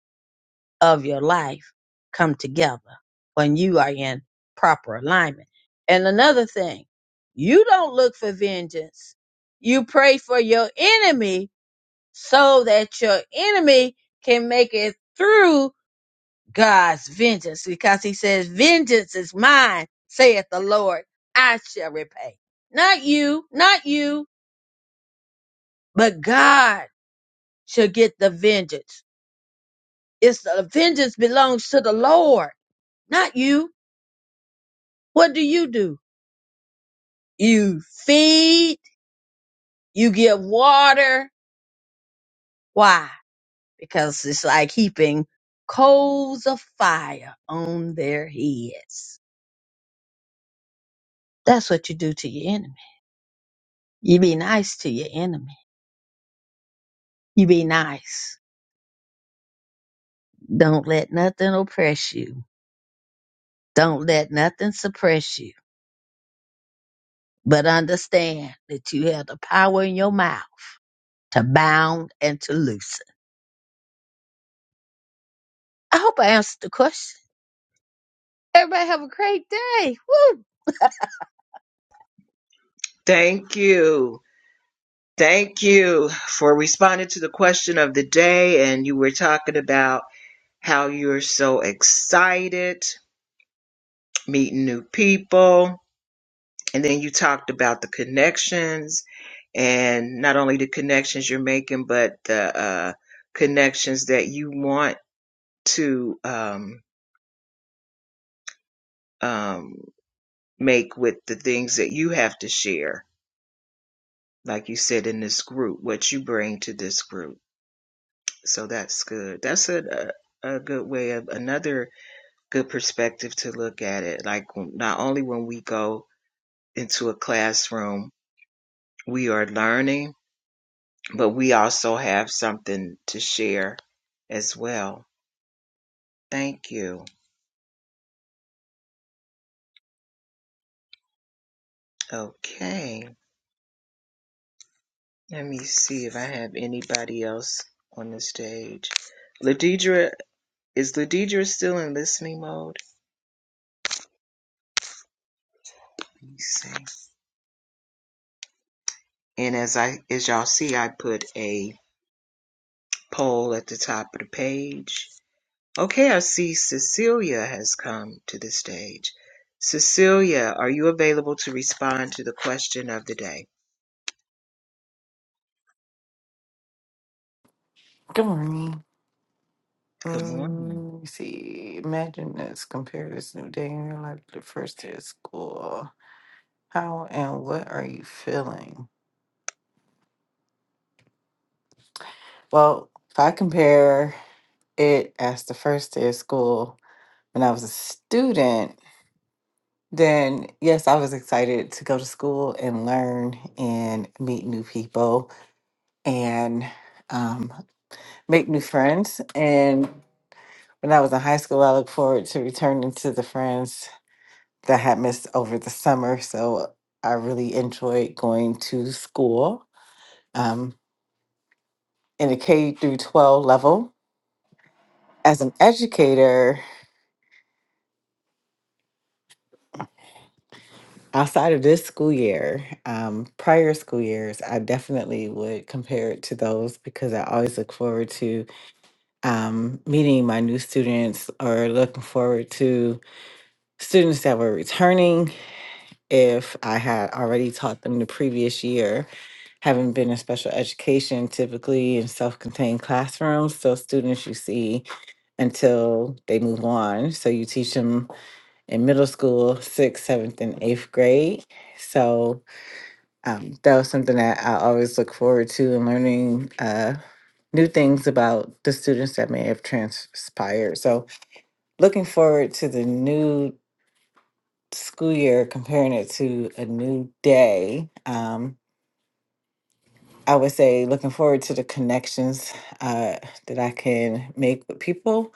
Speaker 4: of your life come together when you are in proper alignment. And another thing, you don't look for vengeance. You pray for your enemy so that your enemy can make it through God's vengeance because he says, vengeance is mine, saith the Lord. I shall repay. Not you, not you, but God shall get the vengeance. It's the vengeance belongs to the Lord, not you What do you do? You feed, you give water. Why? Because it's like heaping coals of fire on their heads. That's what you do to your enemy. You be nice to your enemy. You be nice. Don't let nothing oppress you. Don't let nothing suppress you. But understand that you have the power in your mouth to bound and to loosen. I hope I answered the question. Everybody have a great day. Woo!
Speaker 1: Thank you. Thank you for responding to the question of the day. And you were talking about how you're so excited meeting new people. And then you talked about the connections and not only the connections you're making, but the uh, connections that you want to um, um, make with the things that you have to share. Like you said in this group, what you bring to this group. So that's good. That's a, a a good way of another good perspective to look at it. Like not only when we go into a classroom, we are learning, but we also have something to share as well. Thank you. Okay. Let me see if I have anybody else on the stage. Ladidra is Ladidra still in listening mode? Let me see. And as I as y'all see I put a poll at the top of the page Okay, I see Cecilia has come to the stage. Cecilia, are you available to respond to the question of the day?
Speaker 5: Good morning.
Speaker 1: Good morning.
Speaker 5: Um, let me see. Imagine this. Compare this new day in your life to the first day of school. How and what are you feeling? Well, if I compare it as the first day of school when I was a student, then yes, I was excited to go to school and learn and meet new people and um, make new friends. And when I was in high school, I looked forward to returning to the friends that I had missed over the summer. So I really enjoyed going to school um, in the K through 12 level. As an educator, outside of this school year, um, prior school years, I definitely would compare it to those because I always look forward to um, meeting my new students or looking forward to students that were returning if I had already taught them the previous year having been in special education, typically in self contained classrooms. So, students you see until they move on. So, you teach them in middle school, sixth, seventh, and eighth grade. So, um, that was something that I always look forward to and learning uh, new things about the students that may have transpired. So, looking forward to the new school year, comparing it to a new day. Um, I would say looking forward to the connections uh, that I can make with people,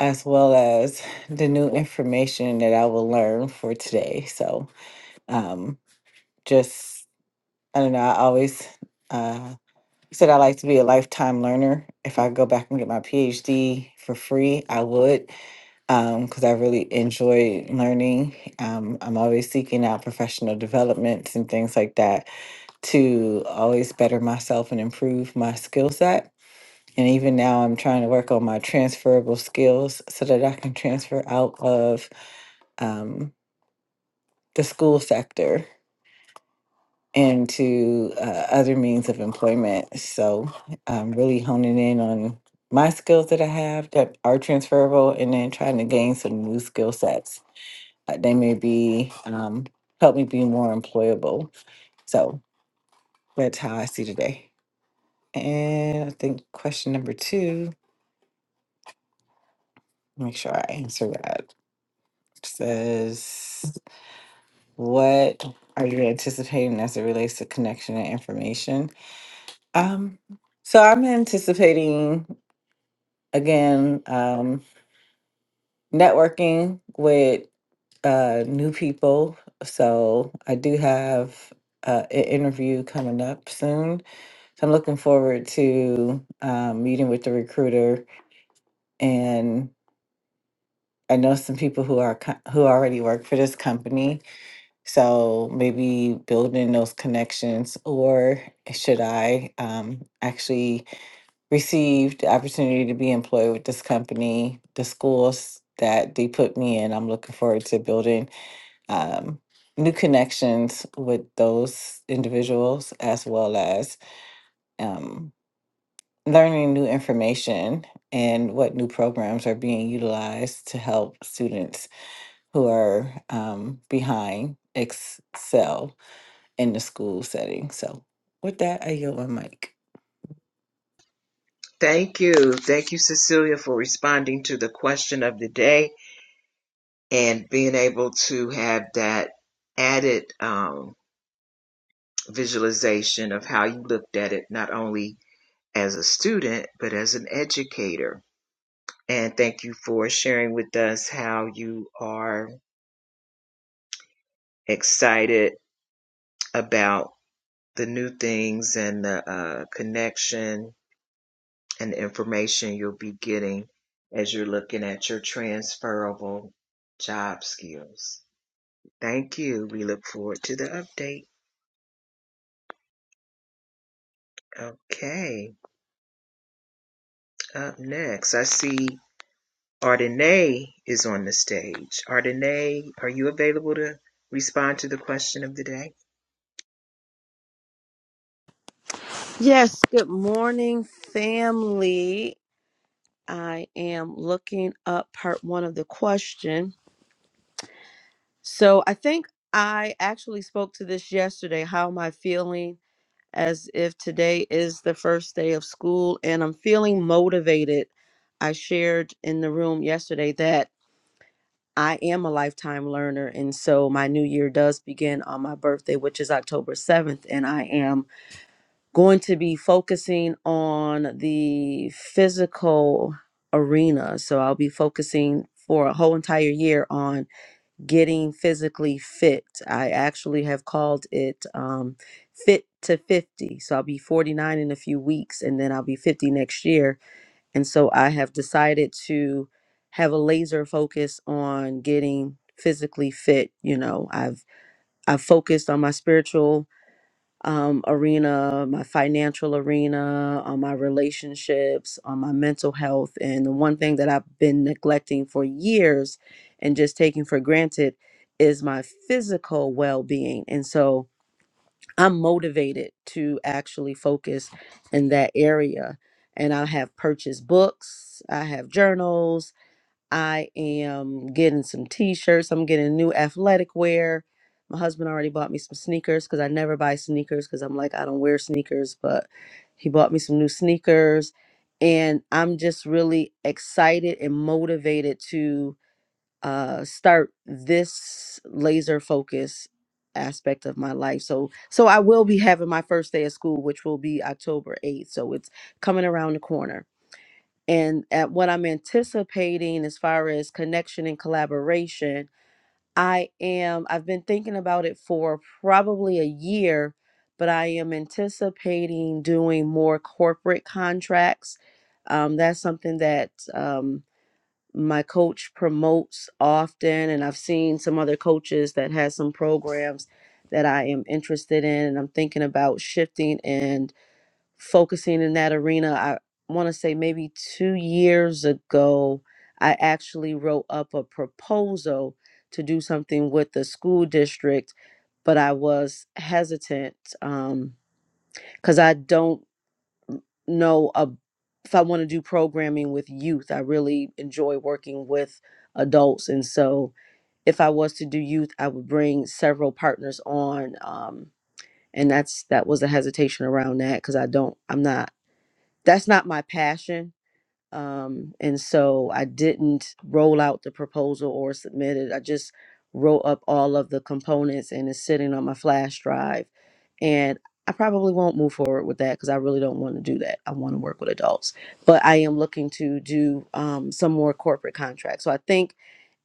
Speaker 5: as well as the new information that I will learn for today. So, um, just I don't know. I always uh, said I like to be a lifetime learner. If I go back and get my PhD for free, I would, because I really enjoy learning. Um, I'm always seeking out professional developments and things like that to always better myself and improve my skill set And even now, I'm trying to work on my transferable skills so that I can transfer out of um, the school sector into uh, other means of employment. So I'm really honing in on my skills that I have that are transferable and then trying to gain some new skill sets. Uh, they may be, um, help me be more employable. So that's how I see today. And I think question number two, make sure I answer that. says, What are you anticipating as it relates to connection and information? Um, so I'm anticipating again um, networking with uh, new people. So I do have uh, an interview coming up soon. So I'm looking forward to um, meeting with the recruiter. And I know some people who are co- who already work for this company So maybe building those connections, or should I um, actually receive the opportunity to be employed with this company, the schools that they put me in? I'm looking forward to building um, new connections with those individuals as well as um, learning new information and what new programs are being utilized to help students who are um, behind excel in the school setting. So with that, I yield my mic.
Speaker 1: Thank you. Thank you, Cecilia, for responding to the question of the day and being able to have that added um, visualization of how you looked at it, not only as a student, but as an educator. And thank you for sharing with us how you are excited about. the new things and the uh, connection and the information you'll be getting as you're looking at your transferable job skills. Thank you. We look forward to the update. Okay, up next, I see Ardenay is on the stage. Ardenay, are you available to respond to the question of the day?
Speaker 6: Yes, good morning, family. I am looking up part one of the question. So I think I actually spoke to this yesterday. How am I feeling as if today is the first day of school and I'm feeling motivated? I shared in the room yesterday that I am a lifetime learner. And so my new year does begin on my birthday, which is October 7th. And I am going to be focusing on the physical arena. So I'll be focusing for a whole entire year on getting physically fit. I actually have called it um, Fit to 50. So I'll be 49 in a few weeks and then I'll be 50 next year. And so I have decided to have a laser focus on getting physically fit. You know, I've I've focused on my spiritual um, arena, my financial arena, on my relationships, on my mental health. And the one thing that I've been neglecting for years and just taking for granted is my physical well being. And so I'm motivated to actually focus in that area. And I have purchased books, I have journals, I am getting some t-shirts. I'm getting new athletic wear. My husband already bought me some sneakers because I never buy sneakers because I'm like, I don't wear sneakers, but he bought me some new sneakers. And I'm just really excited and motivated to uh, start this laser focus aspect of my life. So so I will be having my first day of school, which will be October 8th. So it's coming around the corner and at what I'm anticipating as far as connection and collaboration, I am I've been thinking about it for probably a year, but I am anticipating doing more corporate contracts. Um, that's something that um, my coach promotes often, and I've seen some other coaches that has some programs that I am interested in, and I'm thinking about shifting and focusing in that arena. I want to say maybe two years ago, I actually wrote up a proposal to do something with the school district, but I was hesitant um, because I don't know a, if I want to do programming with youth. I really enjoy working with adults. And so if I was to do youth, I would bring several partners on. Um, and that's that was a hesitation around that because I don't, I'm not that's not my passion. Um, and so I didn't roll out the proposal or submit it. I just wrote up all of the components and it's sitting on my flash drive. And I probably won't move forward with that because I really don't want to do that. I want to work with adults, but I am looking to do um, some more corporate contracts. So I think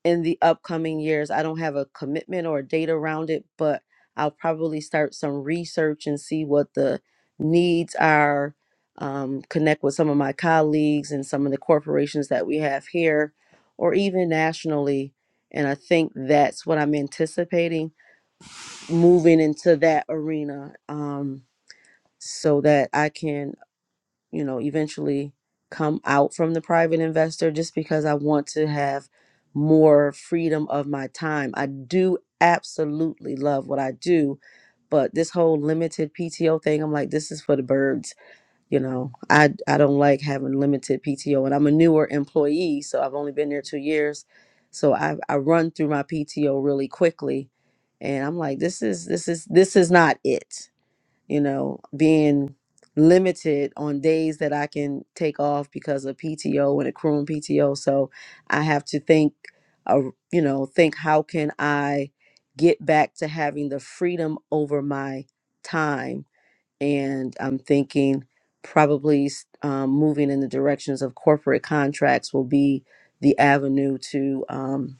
Speaker 6: in the upcoming years. I don't have a commitment or a date around it, but I'll probably start some research and see what the needs are. Um, connect with some of my colleagues and some of the corporations that we have here, or even nationally. And I think that's what I'm anticipating moving into that arena um, so that I can you know, eventually come out from the private investor just because I want to have more freedom of my time. I do absolutely love what I do, but this whole limited PTO thing, I'm like this is for the birds, you know. I I don't like having limited PTO and I'm a newer employee, so I've only been there 2 years. So I I run through my PTO really quickly and I'm like this is this is this is not it you know, being limited on days that I can take off because of PTO and accruing PTO. So I have to think, uh, you know, think how can I get back to having the freedom over my time? And I'm thinking probably s- um, moving in the directions of corporate contracts will be the avenue to. um,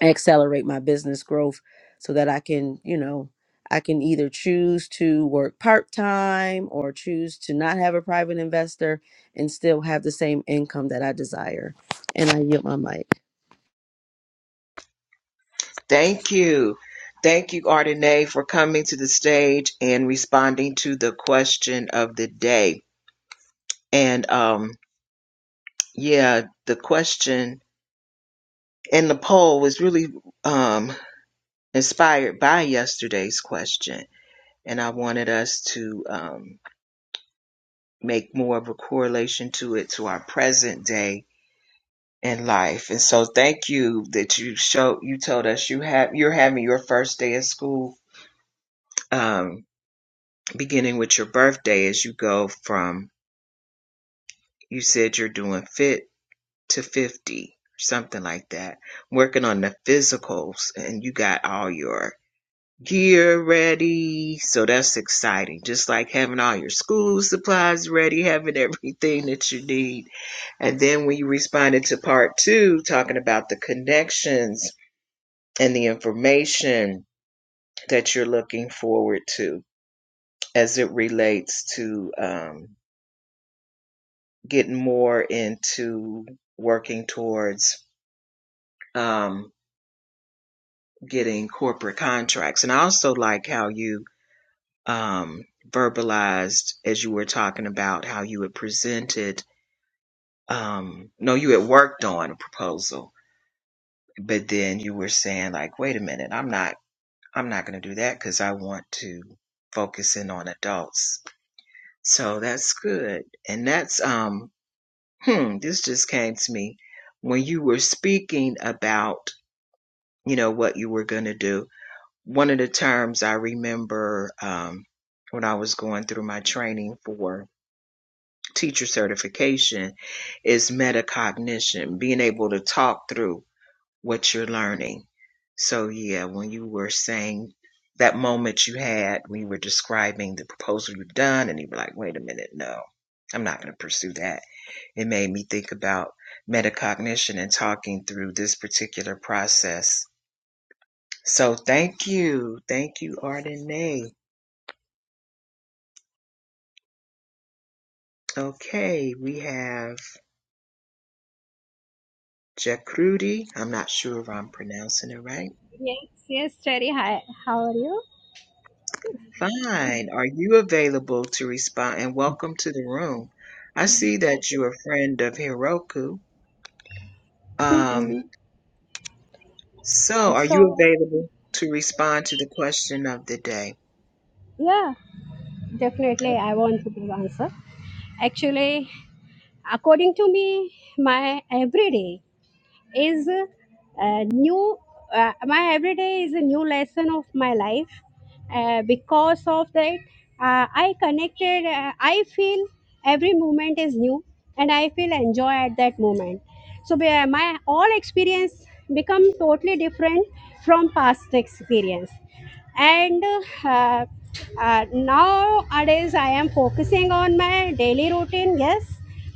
Speaker 6: accelerate my business growth so that I can, you know, I can either choose to work part time or choose to not have a private investor and still have the same income that I desire. And I yield my mic.
Speaker 1: Thank you. Thank you, Ardenae, for coming to the stage and responding to the question of the day. And um, yeah, the question in the poll was really um, inspired by yesterday's question. And I wanted us to um, make more of a correlation to it to our present day in life. And so thank you that you showed you told us you have you're having your first day of school um, beginning with your birthday as you go from you said you're doing fit to 50 something like that working on the physicals and you got all your gear ready so that's exciting just like having all your school supplies ready having [LAUGHS] everything that you need and then when you responded to part two, talking about the connections and the information that you're looking forward to as it relates to um, getting more into working towards um, getting corporate contracts. And I also like how you um, verbalized, as you were talking about, how you had presented, um, no, you had worked on a proposal, but then you were saying, like, wait a minute, I'm not, I'm not going to do that because I want to focus in on adults. So that's good. And that's, um, hmm, this just came to me when you were speaking about you know, what you were going to do. One of the terms I remember um, when I was going through my training for teacher certification is metacognition, being able to talk through what you're learning. So, yeah, when you were saying that moment you had, we were describing the proposal you've done, and you were like, wait a minute, no, I'm not going to pursue that. It made me think about metacognition and talking through this particular process so thank you. Thank you, Ardenay. Okay, we have Jacrudy. I'm not sure if I'm pronouncing it right.
Speaker 7: Yes, yes, Cherry. Hi, how are you?
Speaker 1: Fine. Are you available to respond? And welcome to the room. I see that you're a friend of Heroku. Um,
Speaker 7: hmm
Speaker 1: So,
Speaker 7: Uh,
Speaker 1: are you
Speaker 7: So,
Speaker 1: available to respond to the question of the day?
Speaker 7: yeah, definitely I want to give answer. Actually, according to me, my everyday is uh, new uh, my everyday is a new lesson of my life uh, because of that uh, i connected uh, i feel every moment is new and i feel enjoy at that moment so be- uh, my all experience become totally different from past experience and uh, uh, nowadays i am focusing on my daily routine yes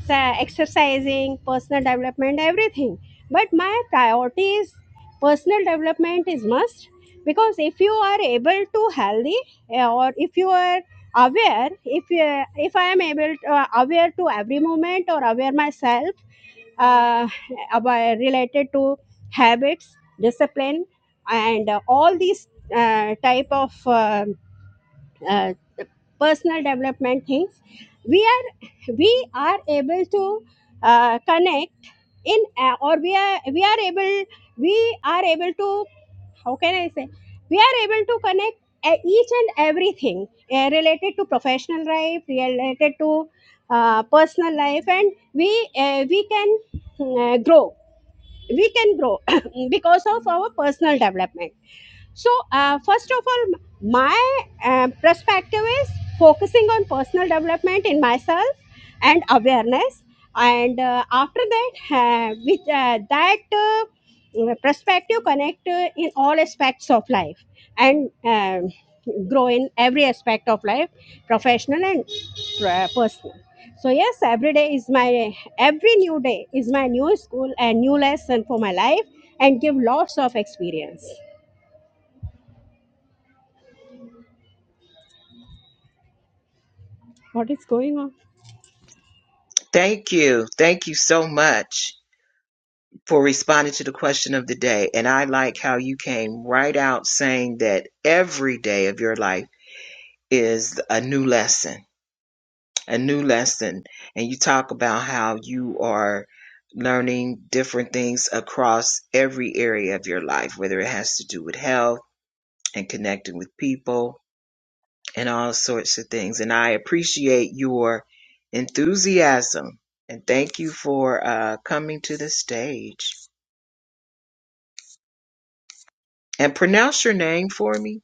Speaker 7: so exercising personal development everything but my priority is personal development is must because if you are able to healthy uh, or if you are aware if you, if i am able to, uh, aware to every moment or aware myself uh, about related to habits discipline and uh, all these uh, type of uh, uh, personal development things we are we are able to uh, connect in uh, or we are we are able we are able to how can i say we are able to connect uh, each and everything uh, related to professional life related to uh, personal life and we uh, we can uh, grow we can grow [COUGHS] because of our personal development so, uh, first of all, my uh, perspective is focusing on personal development in myself and awareness. And uh, after that, uh, with uh, that uh, perspective, connect uh, in all aspects of life and um, grow in every aspect of life, professional and uh, personal. So yes, every day is my every new day is my new school and new lesson for my life, and give lots of experience. What is going on?
Speaker 1: Thank you. Thank you so much for responding to the question of the day. And I like how you came right out saying that every day of your life is a new lesson. a new lesson and you talk about how you are learning different things across every area of your life whether it has to do with health and connecting with people and all sorts of things and i appreciate your enthusiasm and thank you for uh, coming to the stage and pronounce your name for me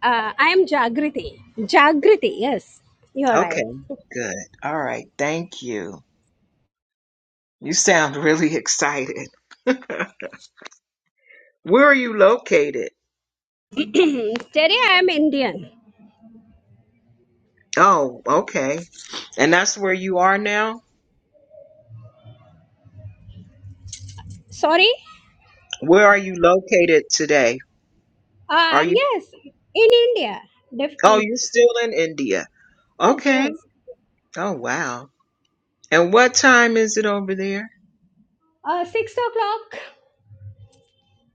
Speaker 7: Uh, I am Jagriti. Jagriti, yes, you are
Speaker 1: okay
Speaker 7: right.
Speaker 1: good all right thank you you sound really [LAUGHS] excited where are you located
Speaker 7: [CLEARS THROAT] Terry, I am Indian.
Speaker 1: oh okay And that's where you are now?
Speaker 7: Sorry?
Speaker 1: Where are you located today?
Speaker 7: Uh,
Speaker 1: Are you
Speaker 7: yes, in India. Def-
Speaker 1: Oh, you're
Speaker 7: yes,
Speaker 1: still in India. Okay.
Speaker 7: yes.
Speaker 1: Oh, wow. And what time is it over there?
Speaker 7: Uh, 6 o'clock.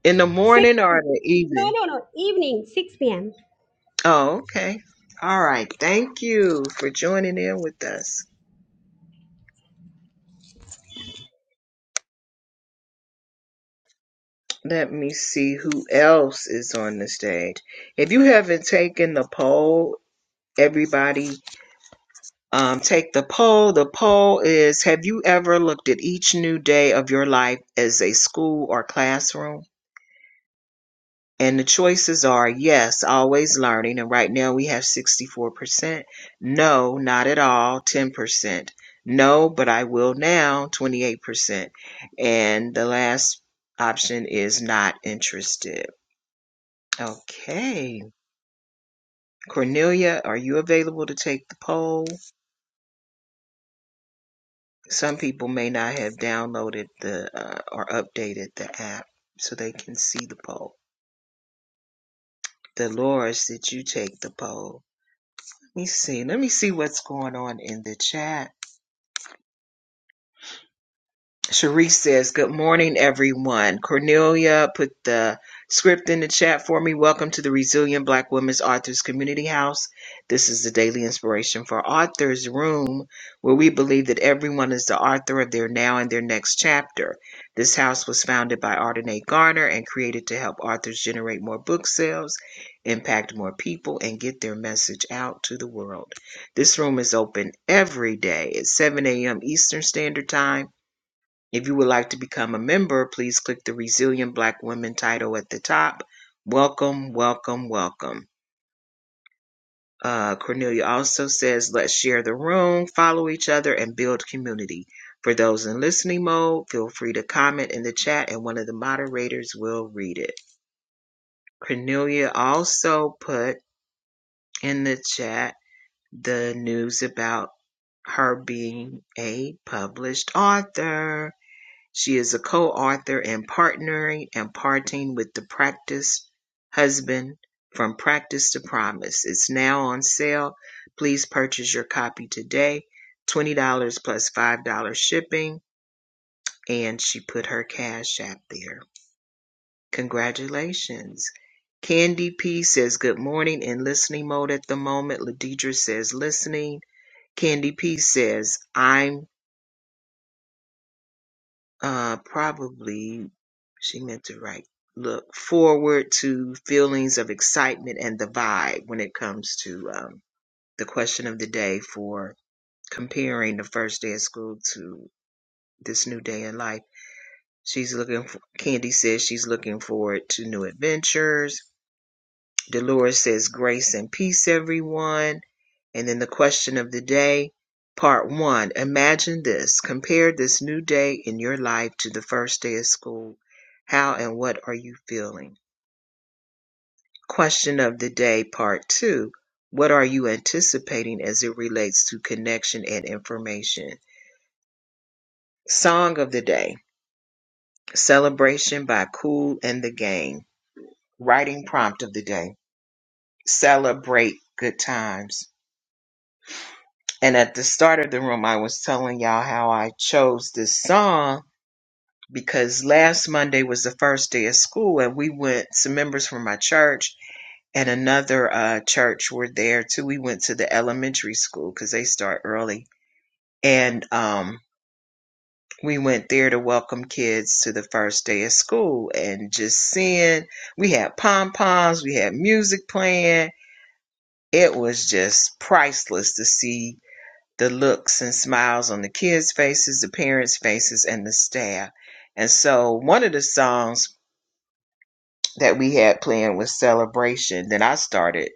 Speaker 1: In the
Speaker 7: 6.
Speaker 1: morning or in the
Speaker 7: No,
Speaker 1: evening?
Speaker 7: no, no. Evening, 6 p.m.
Speaker 1: Oh, okay. All right. Thank you for joining in with us. Let me see who else is on the stage. If you haven't taken the poll, everybody um, take the poll. The poll is Have you ever looked at each new day of your life as a school or classroom? And the choices are yes, always learning. And right now we have 64%. No, not at all, 10%. No, but I will now, 28%. And the last option is not interested. Okay. Cornelia, are you available to take the poll? Some people may not have downloaded the uh, or updated the app so they can see the poll. Dolores, did you take the poll? Let me see. Let me see what's going on in the chat. Sharice says, Good morning, everyone. Cornelia put the script in the chat for me. Welcome to the Resilient Black Women's Authors Community House. This is the daily inspiration for authors room where we believe that everyone is the author of their now and their next chapter. This house was founded by Ardenae Garner and created to help authors generate more book sales, impact more people, and get their message out to the world. This room is open every day at 7 a.m. Eastern Standard Time if you would like to become a member, please click the Resilient Black Women title at the top. Welcome, welcome, welcome. Uh, Cornelia also says, let's share the room, follow each other, and build community. For those in listening mode, feel free to comment in the chat and one of the moderators will read it. Cornelia also put in the chat the news about her being a published author. She is a co-author in Partnering and Parting with the Practice Husband: From Practice to Promise. It's now on sale. Please purchase your copy today. $20 dollars plus $5 shipping. And she put her cash app there. Congratulations. Candy P says good morning in listening mode at the moment. Ladidra says listening. Candy P says I'm Uh, probably she meant to write look forward to feelings of excitement and the vibe when it comes to um, the question of the day for comparing the first day of school to this new day in life. She's looking for, Candy says she's looking forward to new adventures Dolores says, Grace and peace, everyone. And then the question of the day, part one Imagine this. Compare this new day in your life to the first day of school. How and what are you feeling? Question of the day, part two What are you anticipating as it relates to connection and information? Song of the day Celebration by Cool and the Gang. Writing prompt of the day Celebrate good times. And at the start of the room, I was telling y'all how I chose this song because last Monday was the first day of school, and we went, some members from my church and another uh, church were there too. We went to the elementary school because they start early. And um, we went there to welcome kids to the first day of school and just seeing, we had pom poms, we had music playing. It was just priceless to see the looks and smiles on the kids' faces, the parents' faces, and the staff. And so one of the songs that we had playing was Celebration. Then I started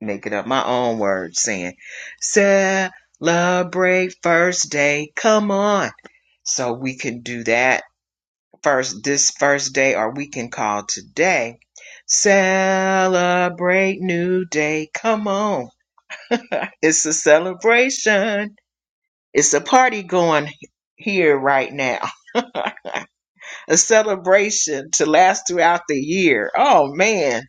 Speaker 1: making up my own words saying, Celebrate first day, come on. So we can do that first, this first day, or we can call today. Celebrate new day, come on. [LAUGHS] It's a celebration. It's a party going here right now, [LAUGHS] a celebration to last throughout the year. Oh man,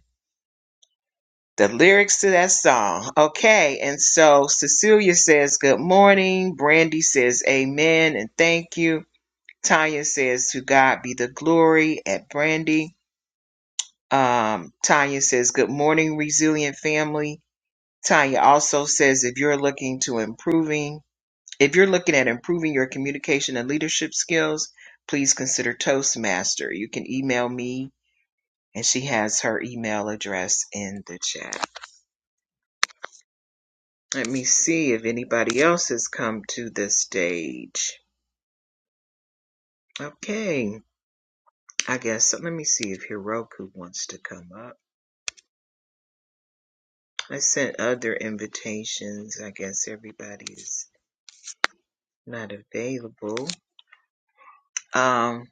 Speaker 1: the lyrics to that song. Okay, and so Cecilia says, Good morning. Brandy says, Amen and thank you. Tanya says, To God be the glory at Brandy. Um, Tanya says, Good morning, resilient family. Tanya also says, If you're looking to improving, If you're looking at improving your communication and leadership skills, please consider Toastmaster. You can email me, and she has her email address in the chat. Let me see if anybody else has come to the stage. Okay, I guess let me see if Hiroku wants to come up. I sent other invitations. I guess everybody is not available. Um,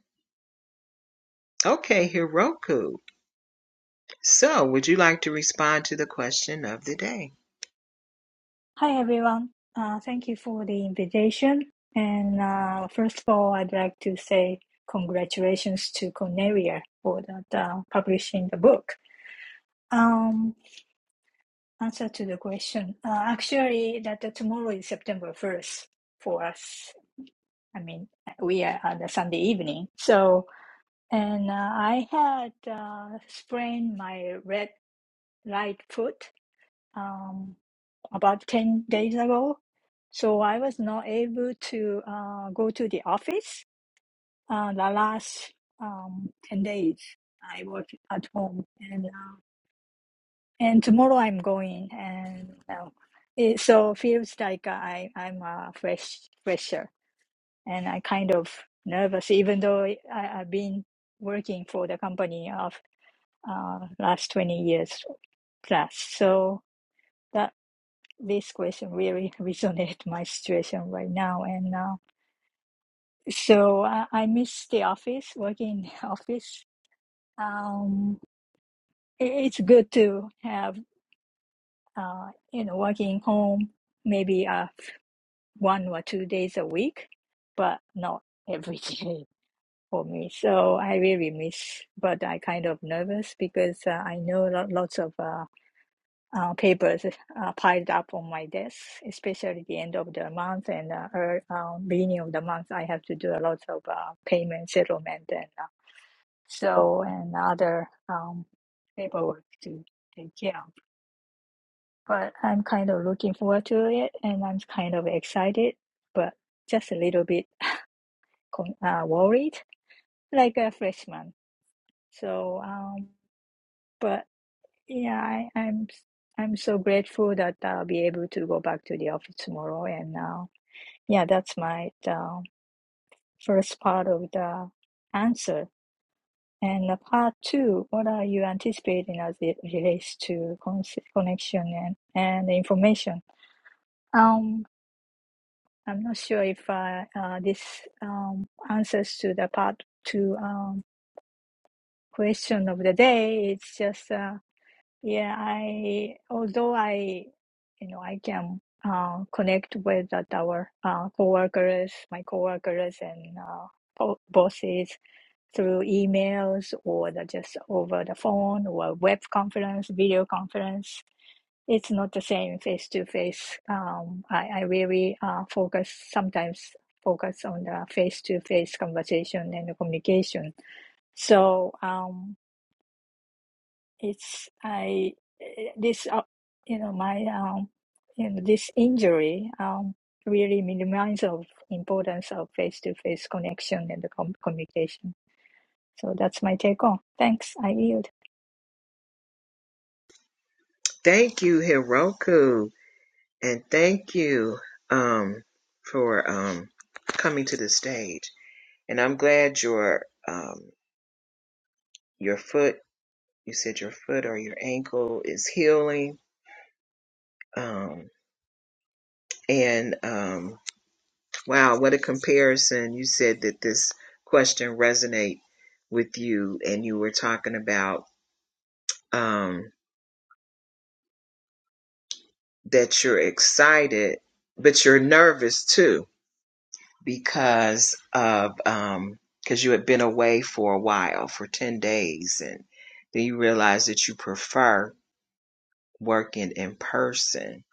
Speaker 1: okay, Hiroku. So, would you like to respond to the question of the day?
Speaker 8: Hi, everyone. Uh, thank you for the invitation. And uh, first of all, I'd like to say congratulations to Cornelia for that uh, publishing the book. Um, answer to the question. Uh, actually, that uh, tomorrow is September 1st for us. I mean, we are on the Sunday evening. So, and uh, I had uh, sprained my red right foot. Um, about 10 days ago. So I was not able to uh, go to the office uh, the last um, 10 days. I work at home and uh, and tomorrow I'm going and uh, it so feels like I I'm a fresh fresher and I kind of nervous even though I, I've been working for the company of uh, last 20 years plus. So that. this question really [LAUGHS] resonates my situation right now and uh, so I, I miss the office working in the [LAUGHS] office um it- it's good to have uh you know working home maybe uh one or two days a week but not every [LAUGHS] day for me so i really miss but i kind of nervous because uh, i know lo- lots of uh, uh, papers uh, piled up on my desk, especially the end of the month and uh, ear- uh, beginning of the month. I have to do a lot of uh, payment settlement and uh, so and other um, paperwork to take care of. But I'm kind of looking forward to it, and I'm kind of excited, but just a little bit con- uh, worried, like a freshman. So, um, but Yeah, I, I'm i I'm so grateful that I'll be able to go back to the office tomorrow. And uh, yeah, that's my the first part of the answer. And the part two, what are you anticipating as it relates to con connection and, and information? Um, I'm not sure if uh, uh, this um, answers to the part two um, question of the day. It's just. Uh, Yeah, I although I you know I can uh, connect with uh, our uh, coworkers, my coworkers and uh, bo- bosses through emails or the, just over the phone or web conference, video conference. It's not the same face to face. Um, I, I really uh, focus sometimes focus on the face to face conversation and the communication. So. Um, it's I eh, this uh, you know my um you know this injury um really minimize of importance of face to face connection and the com- communication. So that's my take on. Thanks. I yield.
Speaker 1: Thank you, Hiroku, and thank you um, for um, coming to the stage. And I'm glad your um, your foot, you said your foot or your ankle is healing. Um, and um, wow, what a comparison! You said that this question resonate with you, and you were talking about um, that you're excited, but you're nervous too because of um because you had been away for a while for 10 days and then you realized that you prefer working in person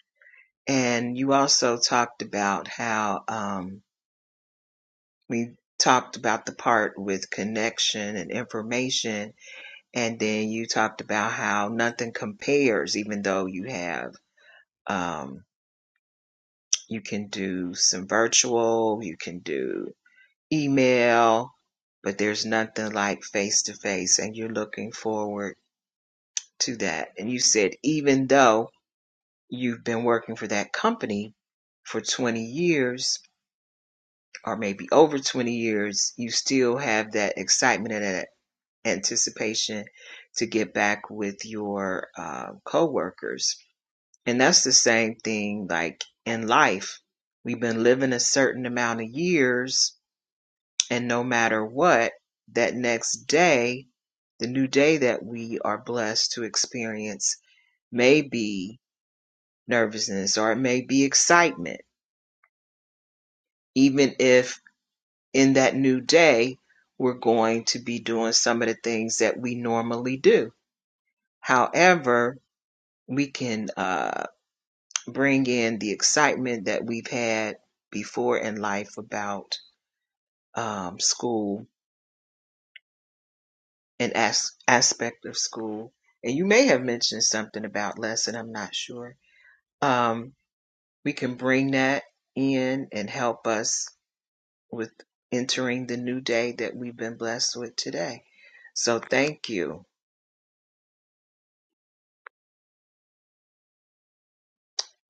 Speaker 1: and you also talked about how um we talked about the part with connection and information and then you talked about how nothing compares even though you have um you can do some virtual you can do email, but there's nothing like face to face, and you're looking forward to that. And you said, even though you've been working for that company for 20 years, or maybe over 20 years, you still have that excitement and that anticipation to get back with your uh, coworkers. And that's the same thing like in life. We've been living a certain amount of years, and no matter what, that next day The new day that we are blessed to experience may be nervousness or it may be excitement, even if in that new day we're going to be doing some of the things that we normally do. However, we can uh, bring in the excitement that we've had before in life about um, school and as- aspect of school. And you may have mentioned something about lesson, I'm not sure. Um, we can bring that in and help us with entering the new day that we've been blessed with today. So thank you.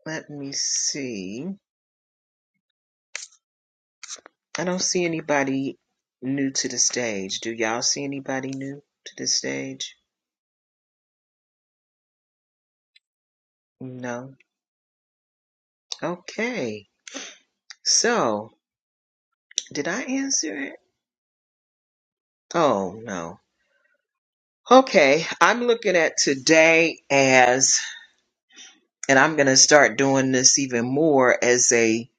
Speaker 1: Let me see. I don't see anybody new to the stage. Do y'all see anybody new to the stage? No. Okay. So, did I answer it? Oh, no. Okay, I'm looking at today as, and I'm going to start doing this even more as a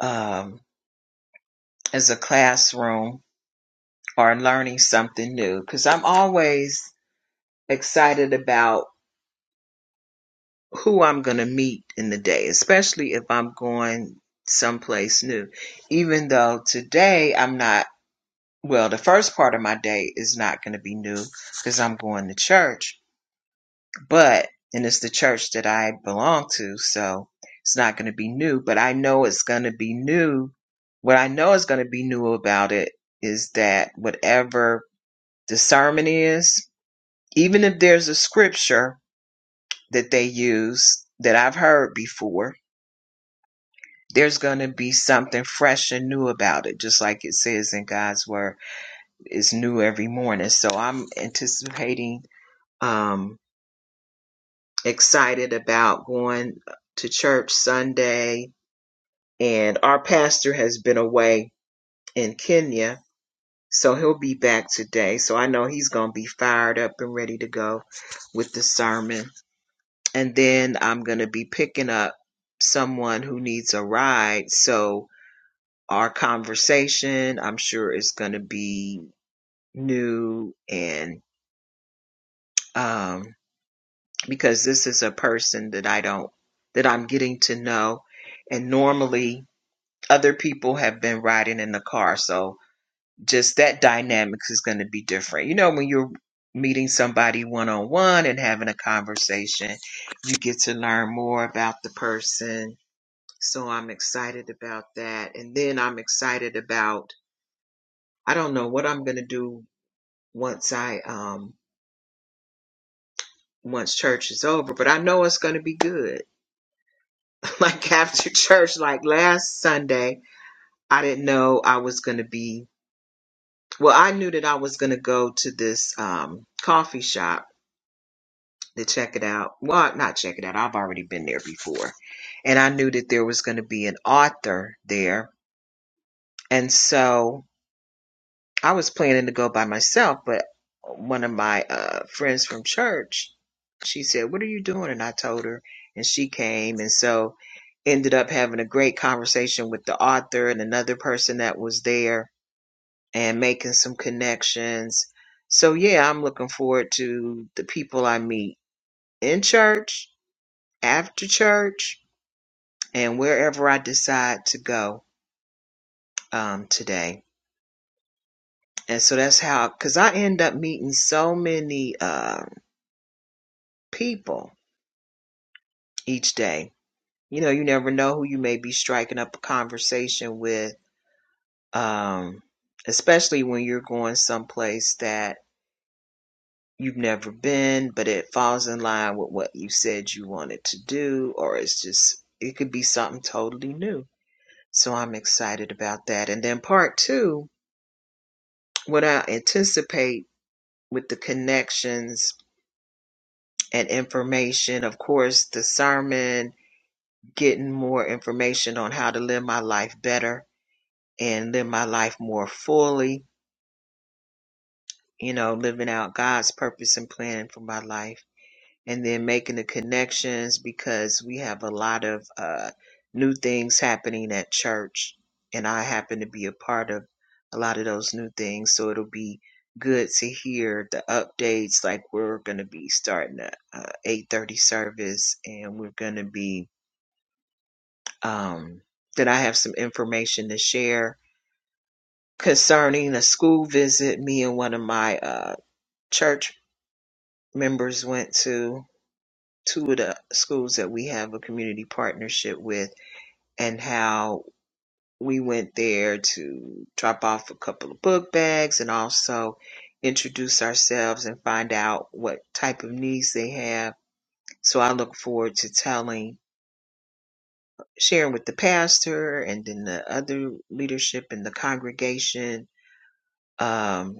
Speaker 1: um, as a classroom or learning something new because I'm always excited about who I'm going to meet in the day, especially if I'm going someplace new. Even though today I'm not, well, the first part of my day is not going to be new because I'm going to church, but, and it's the church that I belong to, so it's not going to be new, but I know it's going to be new. What I know is going to be new about it is that whatever The sermon is, even if there's a scripture that they use that I've heard before, there's going to be something fresh and new about it, just like it says in God's word. It's new every morning. So I'm anticipating, um, excited about going to church Sunday. And our pastor has been away in Kenya. So he'll be back today. So I know he's going to be fired up and ready to go with the sermon and then I'm going to be picking up someone who needs a ride. So our conversation, I'm sure, is going to be new and um, because this is a person that I don't that I'm getting to know, and normally other people have been riding in the car, so just that dynamics is going to be different. You know, when you're meeting somebody one on one and having a conversation, you get to learn more about the person So I'm excited about that. And then I'm excited about, I don't know what I'm going to do once I, um, once church is over, but I know it's going to be good. [LAUGHS] like after church, like last Sunday, I didn't know I was going to be, well, I knew that I was going to go to this, um, coffee shop to check it out. Well, not check it out. I've already been there before. And I knew that there was going to be an author there. And so I was planning to go by myself, but one of my uh, friends from church, she said, "What are you doing?" And I told her, and she came, and so ended up having a great conversation with the author and another person that was there, and making some connections. So yeah, I'm looking forward to the people I meet in church, after church, and wherever I decide to go um, today. And so that's how, because I end up meeting so many. uh, people each day. You know, you never know who you may be striking up a conversation with, um, especially when you're going someplace that you've never been, but it falls in line with what you said you wanted to do, or it's just, it could be something totally new. So I'm excited about that. And then part two, what I anticipate with the connections and information, of course, the sermon, getting more information on how to live my life better and live my life more fully, you know, living out God's purpose and plan for my life. And then making the connections because we have a lot of uh, new things happening at church. And I happen to be a part of a lot of those new things. So it'll be good to hear the updates. Like we're going to be starting a uh, 830 service and we're going to be um, that I have some information to share concerning a school visit me and one of my uh, church members went to two of the schools that we have a community partnership with and how we went there to drop off a couple of book bags and also introduce ourselves and find out what type of needs they have so i look forward to telling sharing with the pastor and then the other leadership in the congregation um,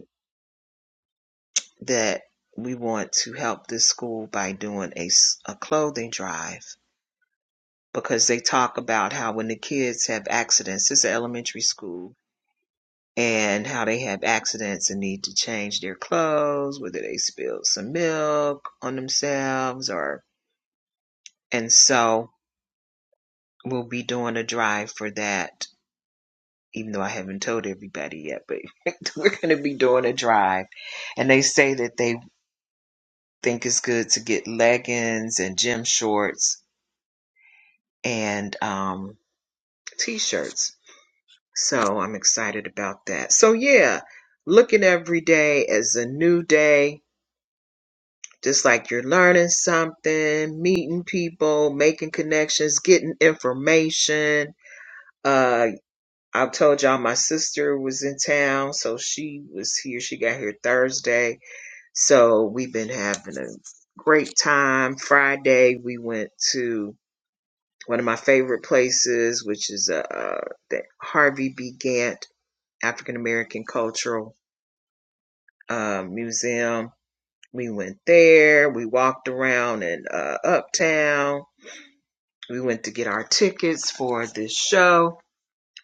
Speaker 1: that we want to help this school by doing a a clothing drive because they talk about how when the kids have accidents, it's an elementary school, and how they have accidents and need to change their clothes, whether they spilled some milk on themselves or, and so we'll be doing a drive for that. Even though I haven't told everybody yet, but [LAUGHS] we're going to be doing a drive. And they say that they think it's good to get leggings and gym shorts and um, t-shirts. So I'm excited about that. So yeah, looking every day as a new day, just like you're learning something, meeting people, making connections, getting information. Uh, I told y'all my sister was in town, so she was here. She got here Thursday, so we've been having a great time. Friday we went to one of my favorite places, which is uh, uh, the Harvey B. Gantt African American Cultural uh, Museum. We went there, we walked around in uh, Uptown, we went to get our tickets for this show,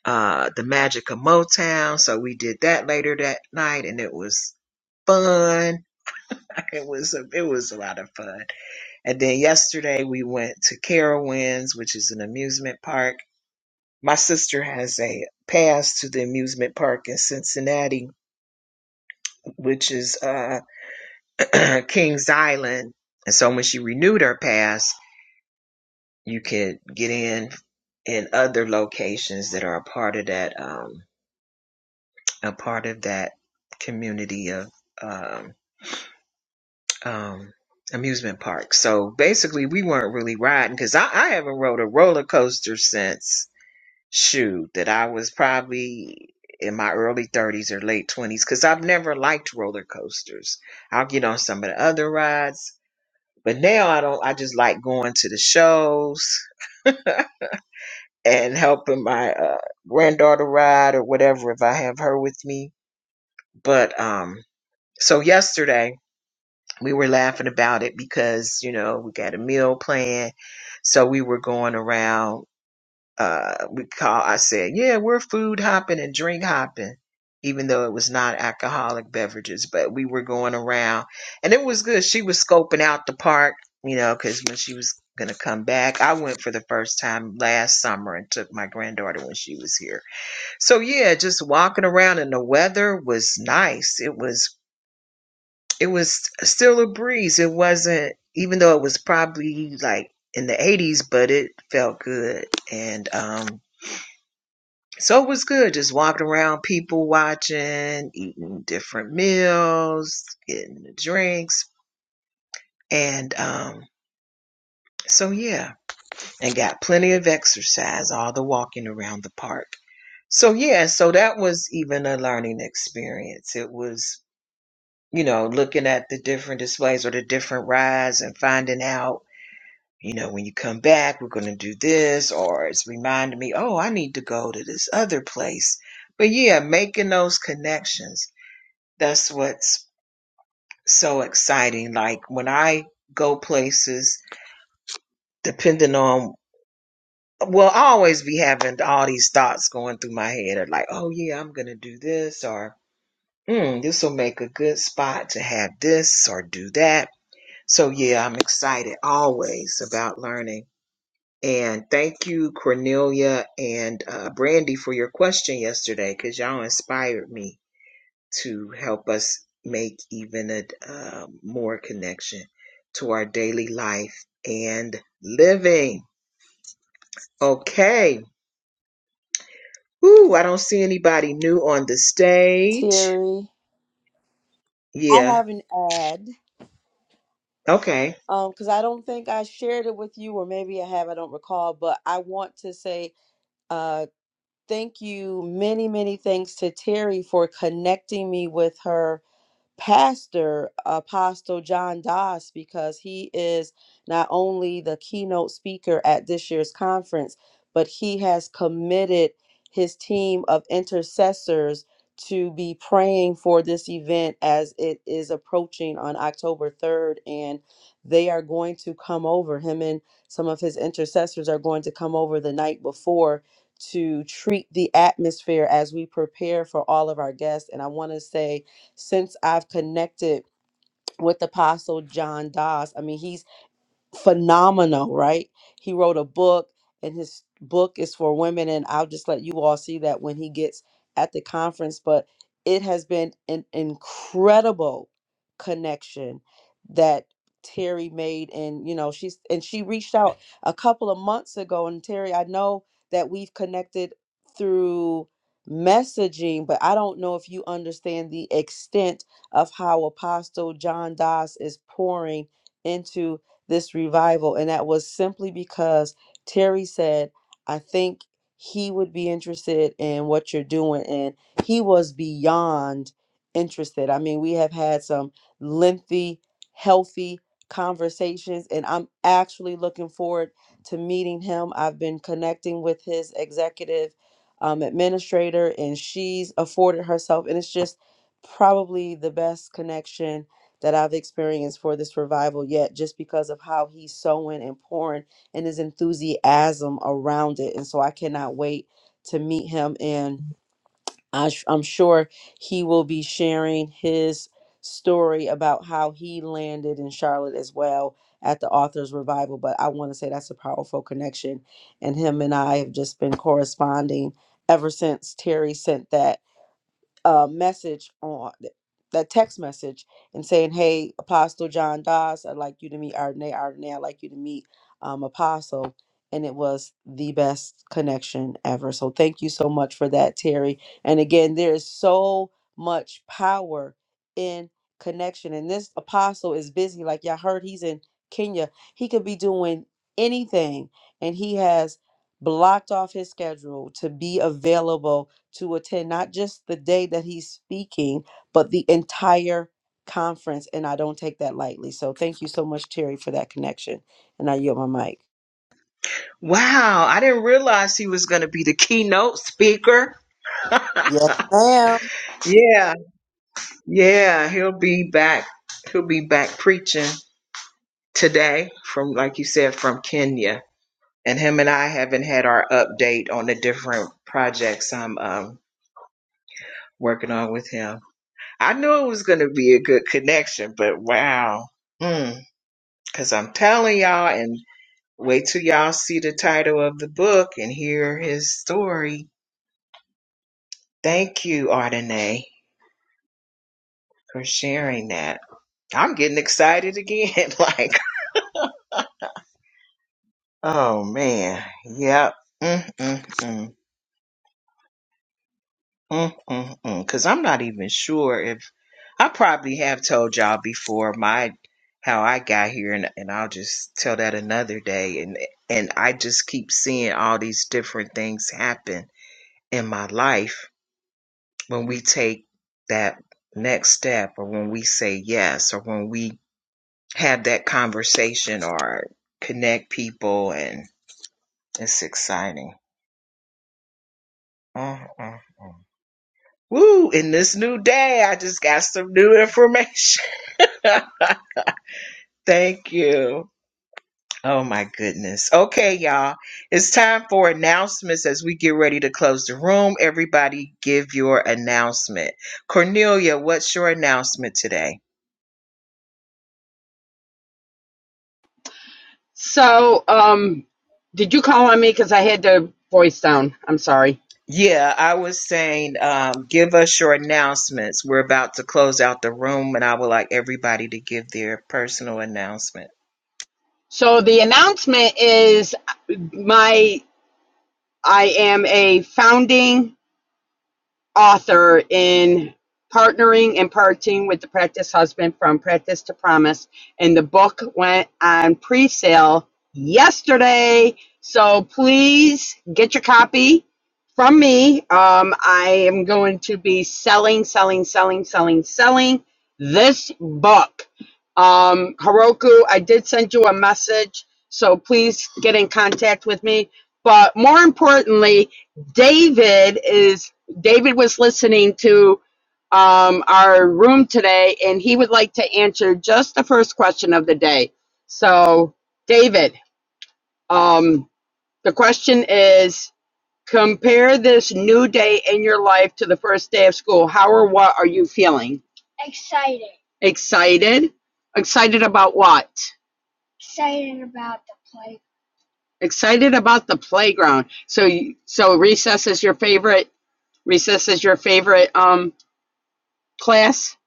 Speaker 1: uh, The Magic of Motown. So we did that later that night, and it was fun. [LAUGHS] It was a, it was a lot of fun. And then yesterday we went to Carowinds, which is an amusement park My sister has a pass to the amusement park in Cincinnati, which is uh, [CLEARS THROAT] Kings Island. And so when she renewed her pass, you could get in in other locations that are a part of that um, a part of that community of um, um, amusement parks. So basically, we weren't really riding because I, I haven't rode a roller coaster since shoot that I was probably in my early 30s or late 20s because I've never liked roller coasters. I'll get on some of the other rides, but now I don't. I just like going to the shows and helping my uh, granddaughter ride or whatever if I have her with me. But um, so yesterday we were laughing about it because you know we got a meal plan, so we were going around. uh, we call, I said, yeah, we're food hopping and drink hopping, even though it was not alcoholic beverages, but we were going around and it was good. She was scoping out the park, you know, cause when she was going to come back, I went for the first time last summer and took my granddaughter when she was here. So yeah, just walking around and the weather was nice. It was, it was still a breeze. It wasn't, even though it was probably like in the 80s, but it felt good. And, um, so it was good just walking around, people watching, eating different meals, getting the drinks. And um, so, yeah, and got plenty of exercise, all the walking around the park. So, yeah, so that was even a learning experience. It was, you know, looking at the different displays or the different rides and finding out, you know, when you come back, we're going to do this, or it's reminding me, oh, I need to go to this other place. But yeah, making those connections That's what's so exciting. Like when I go places, depending on, well, I always be having all these thoughts going through my head of like, oh yeah, I'm going to do this or mm, this will make a good spot to have this or do that. So yeah, I'm excited always about learning. And thank you, Cornelia and uh, Brandy, for your question yesterday because y'all inspired me to help us make even a uh, more connection to our daily life and living. Okay. Ooh, I don't see anybody new on the stage.
Speaker 6: Terry, I
Speaker 1: Yeah.
Speaker 6: have an ad
Speaker 1: Okay.
Speaker 6: um because I don't think I shared it with you, or maybe I have, I don't recall, but I want to say uh thank you, many, many thanks to Terry for connecting me with her pastor apostle john doss because he is not only the keynote speaker at this year's conference but he has committed his team of intercessors to be praying for this event as it is approaching on october 3rd and they are going to come over him and some of his intercessors are going to come over the night before to treat the atmosphere as we prepare for all of our guests and i want to say since I've connected with Apostle John Doss. I mean, he's phenomenal, right? He wrote a book, and his book is for women. And I'll just let you all see that when he gets at the conference. But it has been an incredible connection that Terry made. And, you know, she's, and she reached out a couple of months ago. And Terry, I know that we've connected through messaging, but I don't know if you understand the extent of how Apostle John Doss is pouring into this revival. And that was simply because Terry said, I think he would be interested in what you're doing. And he was beyond interested. I mean, we have had some lengthy, healthy conversations, and I'm actually looking forward to meeting him. I've been connecting with his executive um, administrator, and she's afforded herself, and it's just probably the best connection that I've experienced for this revival yet, just because of how he's sowing and pouring and his enthusiasm around it. And so I cannot wait to meet him. And I sh- I'm sure he will be sharing his story about how he landed in Charlotte as well at the author's revival. But I want to say that's a powerful connection. And him and I have just been corresponding ever since Terry sent that uh, message on that text message and saying, "Hey, Apostle John Doss, I'd like you to meet Ardenay. Ardenay, I'd like you to meet um, Apostle." And it was the best connection ever. So thank you so much for that, Terry. And again, there is so much power in connection. And this apostle is busy. Like y'all heard, he's in Kenya. He could be doing anything, and he has blocked off his schedule to be available to attend not just the day that he's speaking, but the entire conference. And I don't take that lightly. So thank you so much, Terry, for that connection. And I yield my mic.
Speaker 1: Wow, I didn't realize he was going to be the keynote speaker. [LAUGHS]
Speaker 6: Yes, ma'am.
Speaker 1: yeah. Yeah, he'll be back. He'll be back preaching today from like you said from Kenya. and him and I haven't had our update on the different projects I'm um, working on with him. I knew it was going to be a good connection, but wow. Because mm, I'm telling y'all, and wait till y'all see the title of the book and hear his story. Thank you, Ardenae, for sharing that. I'm getting excited again. [LAUGHS] like, oh man, yep. Mm-mm-mm. Because I'm not even sure if I probably have told y'all before my how I got here, and, and I'll just tell that another day. And and I just keep seeing all these different things happen in my life when we take that next step, or when we say yes, or when we have that conversation, or connect people, and it's exciting. Mm, mm, mm. Woo! In this new day, I just got some new [LAUGHS] information. [LAUGHS] Thank you. Oh my goodness. Okay, y'all. It's time for announcements as we get ready to close the room. Everybody give your announcement. Cornelia, what's your announcement today?
Speaker 9: So, um, did you call on me? Because I had the voice down. I'm sorry.
Speaker 1: Yeah, I was saying, um, give us your announcements. We're about to close out the room, and I would like everybody to give their personal announcement.
Speaker 9: So the announcement is my I am a founding. author in partnering and parting with the practice husband from practice to promise and the book went on pre-sale yesterday so please get your copy from me um, i am going to be selling selling selling selling selling this book um, Heroku, i did send you a message so please get in contact with me but more importantly David is David was listening to um, our room today, and he would like to answer just the first question of the day. So, David, um, the question is compare this new day in your life to the first day of school. How or what are you feeling? Excited? Excited about what? Excited about the playground. So, you- so recess is your favorite. Recess is your favorite um, class.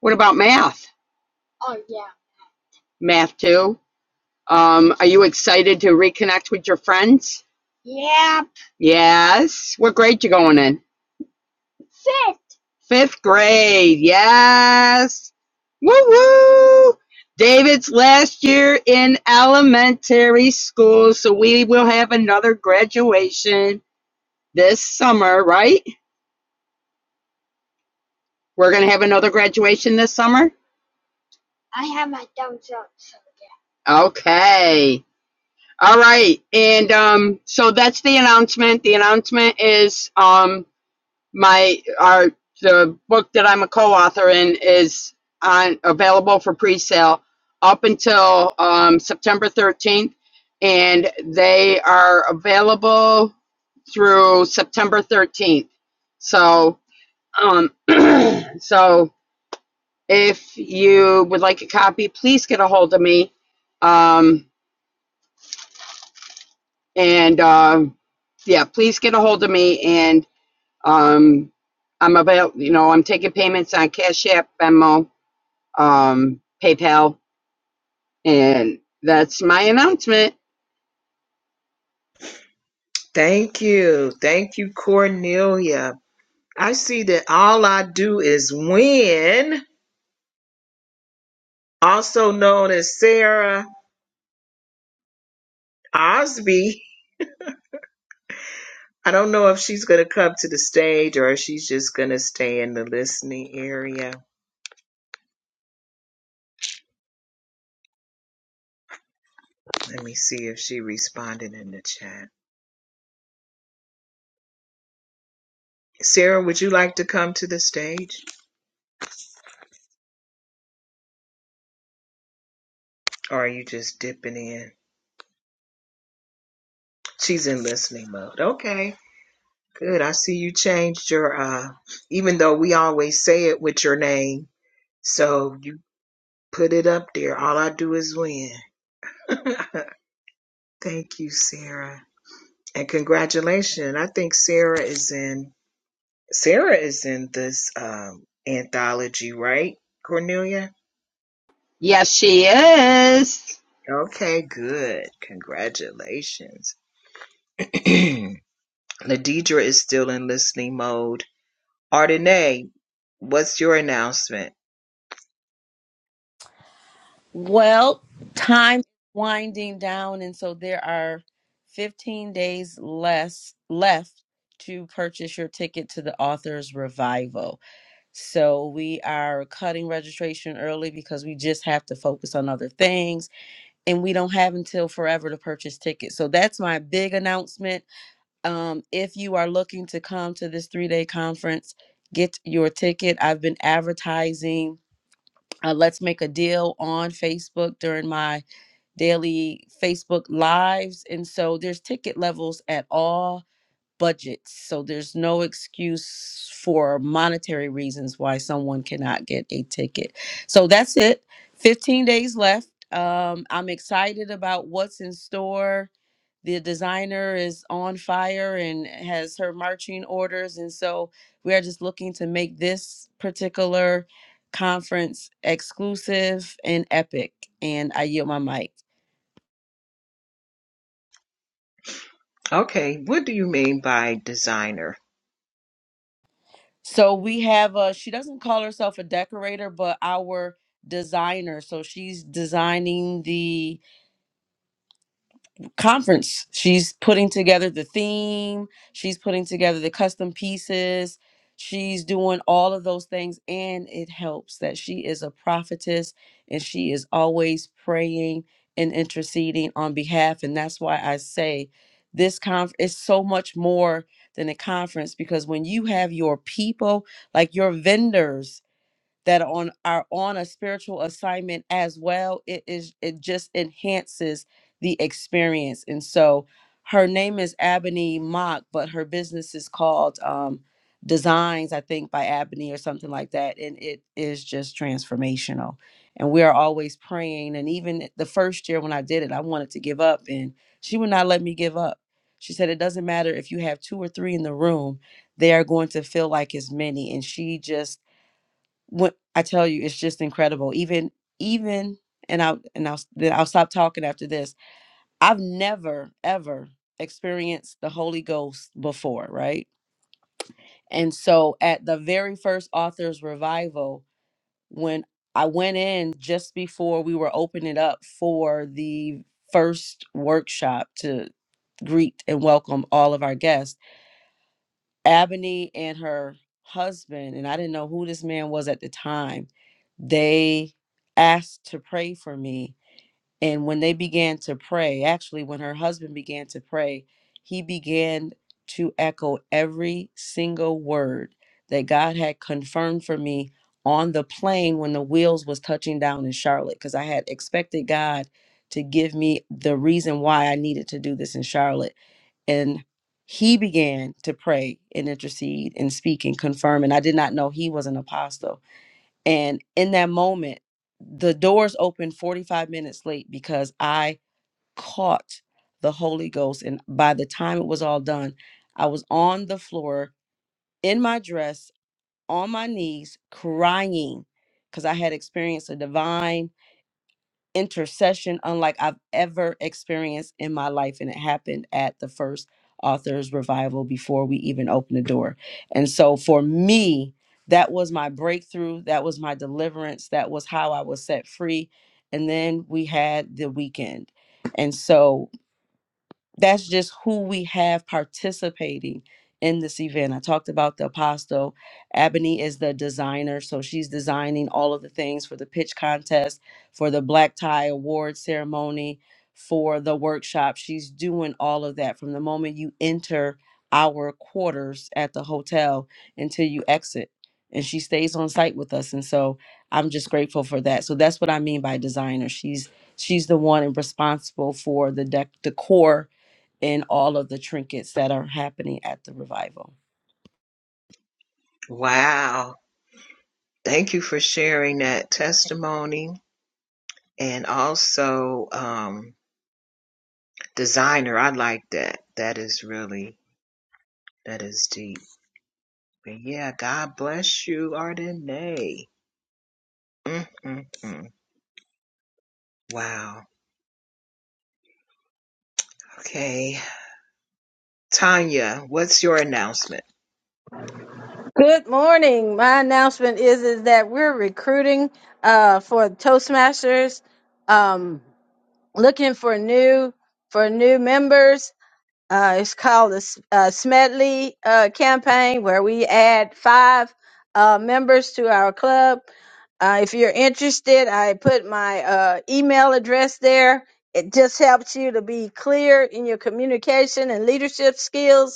Speaker 9: What about math? Math too Um, are you excited to reconnect with your friends? Yes. What grade you going in? Fifth grade. Yes. Woo woo. David's last year in elementary school, so we will have another graduation this summer, right? We're gonna have another graduation this summer. Okay. All right. And um, so that's the announcement. The announcement is um, my our the book that I'm a co-author in is on available for pre-sale up until um, September 13th, and they are available through September 13th. So, um, so if you would like a copy, please get a hold of me. Um, and uh, yeah, please get a hold of me. And um, I'm avail. You know, I'm taking payments on Cash App, Venmo, um, PayPal. And that's my announcement.
Speaker 1: Thank you. Thank you, Cornelia. I see that all I do is win, also known as Sarah. Osby, I don't know if she's going to come to the stage or if she's just going to stay in the listening area. Let me see if she responded in the chat. Sarah, would you like to come to the stage or are you just dipping in? She's in listening mode. Okay. Good. I see you changed your uh even though we always say it with your name. So you put it up there. All I do is win. [LAUGHS] Thank you, Sarah. And congratulations. I think Sarah is in Sarah is in this um, anthology, right, Cornelia?
Speaker 9: Yes, she is.
Speaker 1: Okay, good. Congratulations. [CLEARS THROAT] Ladidra is still in listening mode. Ardenae, what's your announcement?
Speaker 6: Well, time is winding down, and so there are 15 days less left to purchase your ticket to the author's revival. So we are cutting registration early because we just have to focus on other things and we don't have until forever to purchase tickets. So that's my big announcement. Um, if you are looking to come to this three day conference, get your ticket. I've been advertising. Uh, let's make a deal on Facebook during my daily Facebook lives. And so there's ticket levels at all budgets. So there's no excuse for monetary reasons why someone cannot get a ticket. So that's it. 15 days left. Um, I'm excited about what's in store. The designer is on fire and has her marching orders. And so we are just looking to make this particular conference exclusive and epic. And I yield my mic.
Speaker 1: Okay, what do you mean by designer?
Speaker 6: So we have a she doesn't call herself a decorator, but our designer. So she's designing the conference. She's putting together the theme, she's putting together the custom pieces, she's doing all of those things. And it helps that she is a prophetess and she is always praying and interceding on behalf. And that's why I say this conf is so much more than a conference because when you have your people, like your vendors, that are on are on a spiritual assignment as well it is it just enhances the experience and so her name is Ebony Mock but her business is called um Designs I think by Ebony or something like that and it is just transformational and we are always praying and even the first year when I did it I wanted to give up and she would not let me give up she said it doesn't matter if you have two or three in the room they are going to feel like as many and she just what I tell you, it's just incredible. Even even and I'll and I'll then I'll stop talking after this. I've never ever experienced the Holy Ghost before, right? And so at the very first author's revival, when I went in just before we were opening up for the first workshop to greet and welcome all of our guests Ebony and her husband, and I didn't know who this man was at the time, they asked to pray for me. And when they began to pray, actually, when her husband began to pray, he began to echo every single word that God had confirmed for me on the plane when the wheels was touching down in Charlotte because I had expected God to give me the reason why I needed to do this in Charlotte and he began to pray and intercede and speak and confirm and i did not know he was an apostle and in that moment the doors opened 45 minutes late because i caught the holy ghost and by the time it was all done i was on the floor in my dress on my knees crying because i had experienced a divine intercession unlike I've ever experienced in my life. And it happened at the first author's revival before we even opened the door. And so for me, that was my breakthrough. That was my deliverance. That was how I was set free. And then we had the weekend. And so that's just who we have participating in this event. I talked about the apostle. Ebony is the designer, so she's designing all of the things for the pitch contest, for the black tie award ceremony, for the workshop. She's doing all of that from the moment you enter our quarters at the hotel until you exit. And she stays on site with us. And so I'm just grateful for that. So that's what I mean by designer. She's she's the one responsible for the dec- decor in all of the trinkets that are happening at the revival.
Speaker 1: Wow. Thank you for sharing that testimony and also um, designer. I like that. That is really, that is deep. But yeah, God bless you, Ardenae. Mm-mm-mm. Wow. Okay. Tanya, what's your announcement?
Speaker 4: Good morning. My announcement is is that we're recruiting uh, for Toastmasters, um, looking for new for new members. Uh, it's called the S- uh, Smedley uh, campaign, where we add five uh, members to our club. Uh, if you're interested, I put my uh, email address there. It just helps you to be clear in your communication and leadership skills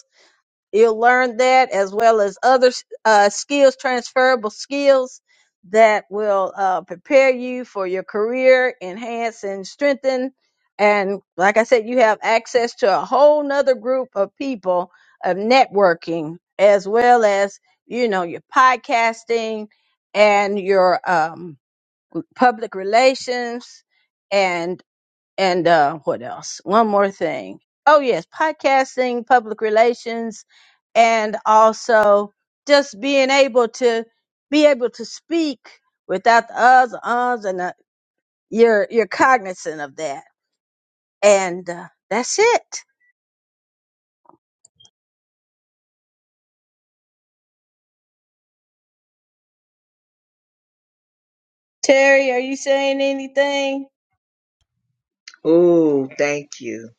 Speaker 4: You'll learn that as well as other uh, skills, transferable skills that will uh, prepare you for your career, enhance and strengthen. And like I said, you have access to a whole nother group of people of networking, as well as, you know, your podcasting and your um, public relations and and uh, what else? One more thing. Oh yes, podcasting, public relations, and also just being able to be able to speak without the uhs, ums, and the, you're you're cognizant of that. And uh, that's it. Terry, are you saying anything?
Speaker 1: Oh, thank you.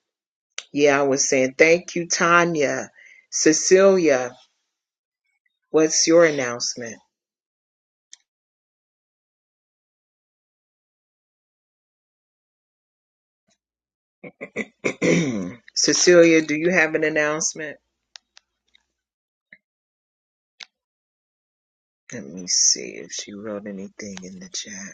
Speaker 1: Yeah, I was saying thank you, Tanya. Cecilia, what's your announcement? [CLEARS THROAT] Cecilia, do you have an announcement? Let me see if she wrote anything in the chat.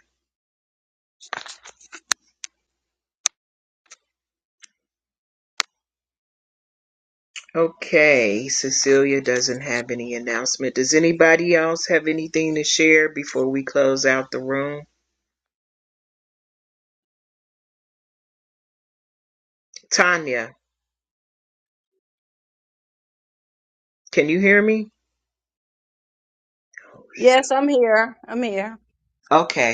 Speaker 1: Okay, Cecilia doesn't have any announcement. Does anybody else have anything to share before we close out the room? Tanya, can you hear me? Oh, shoot.
Speaker 4: Yes, I'm here. I'm here.
Speaker 1: Okay.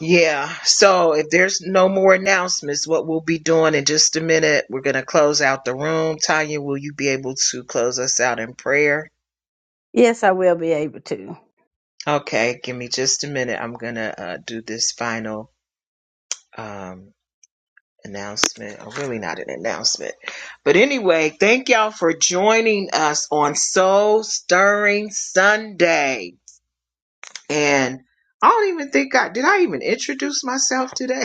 Speaker 1: Yeah. So if there's no more announcements, what we'll be doing in just a minute, we're going to close out the room. Tanya, will you be able to close us out in prayer?
Speaker 4: Yes, I will be able to.
Speaker 1: Okay. Give me just a minute. I'm going to uh, do this final um, announcement. Or really not an announcement. But anyway, thank y'all for joining us on Soul Stirring Sunday. And I don't even think I did I even introduce myself today?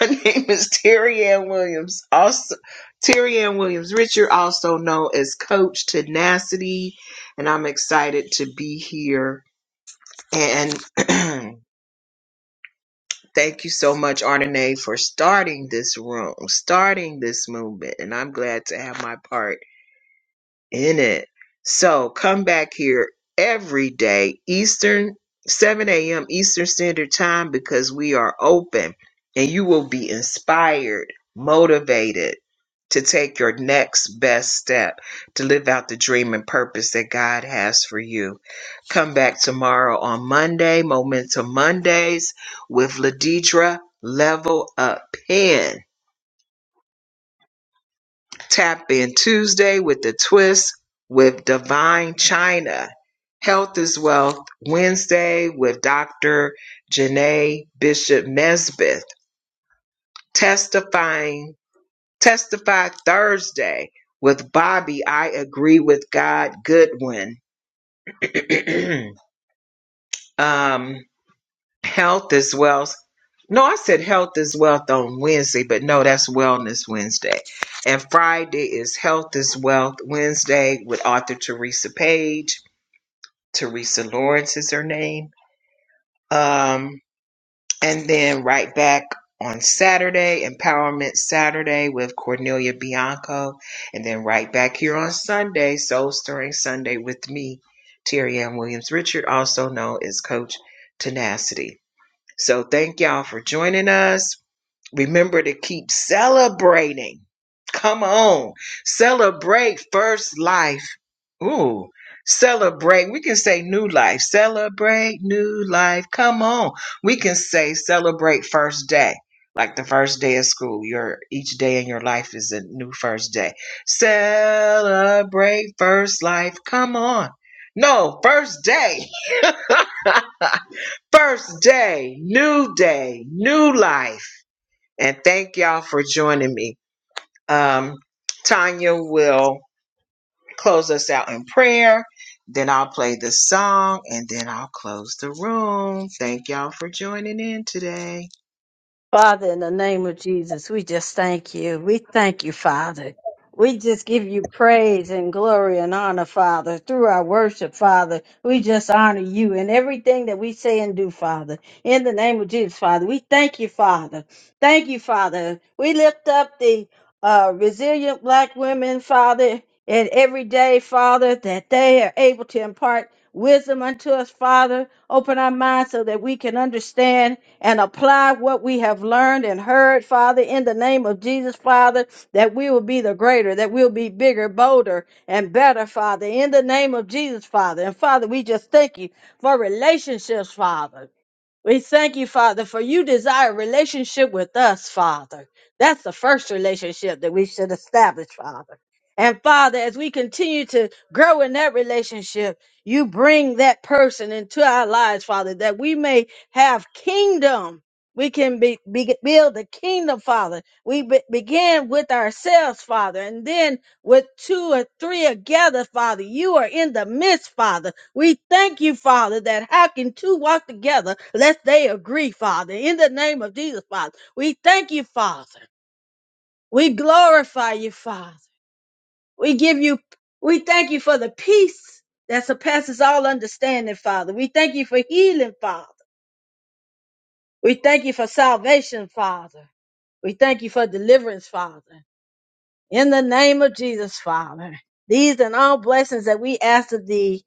Speaker 1: Her [LAUGHS] name is Terry Ann Williams. Also, Terry Ann Williams Richard, also known as Coach Tenacity, and I'm excited to be here. And [CLEARS THROAT] thank you so much, Ardenae, for starting this room, starting this movement. And I'm glad to have my part in it. So come back here every day, Eastern, 7 a.m. Eastern Standard Time, because we are open and you will be inspired, motivated to take your next best step to live out the dream and purpose that God has for you. Come back tomorrow on Monday, Momentum Mondays with Ladidra Level Up Pen Tap in Tuesday with the twist with Divine China. Health is Wealth Wednesday with Dr. Janae Bishop Nesbitt. Testifying, testify Thursday with Bobby. I agree with God Goodwin. [CLEARS THROAT] um, Health is wealth. No, I said health is wealth on Wednesday, but no, that's Wellness Wednesday. And Friday is Health is Wealth Wednesday with author Teresa Page. Teresa Lawrence is her name. Um, and then right back on Saturday, Empowerment Saturday with Cornelia Bianco. And then right back here on Sunday, Soul Stirring Sunday with me, Terry Ann Williams Richard, also known as Coach Tenacity. So thank y'all for joining us. Remember to keep celebrating. Come on. Celebrate first life. Ooh. Celebrate. We can say new life. Celebrate new life. Come on. We can say celebrate first day. Like the first day of school. Your each day in your life is a new first day. Celebrate first life. Come on. No, first day. [LAUGHS] First day, new day, new life. And thank y'all for joining me. Um, Tanya will close us out in prayer. Then I'll play the song and then I'll close the room. Thank y'all for joining in today.
Speaker 4: Father, in the name of Jesus, we just thank you. We thank you, Father. We just give you praise and glory and honor, Father, through our worship, Father. We just honor you in everything that we say and do, Father. In the name of Jesus, Father, we thank you, Father. Thank you, Father. We lift up the uh, resilient black women, Father, and every day, Father, that they are able to impart wisdom unto us, Father. Open our minds so that we can understand and apply what we have learned and heard, Father, in the name of Jesus, Father, that we will be the greater, that we'll be bigger, bolder, and better, Father, in the name of Jesus, Father. And Father, we just thank you for relationships, Father. We thank you, Father, for you desire relationship with us, Father. That's the first relationship that we should establish, Father. And Father, as we continue to grow in that relationship, you bring that person into our lives, Father, that we may have kingdom. We can be, be, build the kingdom, Father. We be, begin with ourselves, Father, and then with two or three together, Father. You are in the midst, Father. We thank you, Father, that how can two walk together lest they agree, Father? In the name of Jesus, Father, we thank you, Father. We glorify you, Father. We give you, we thank you for the peace that surpasses all understanding, Father. We thank you for healing, Father. We thank you for salvation, Father. We thank you for deliverance, Father. In the name of Jesus, Father. These and all blessings that we ask of thee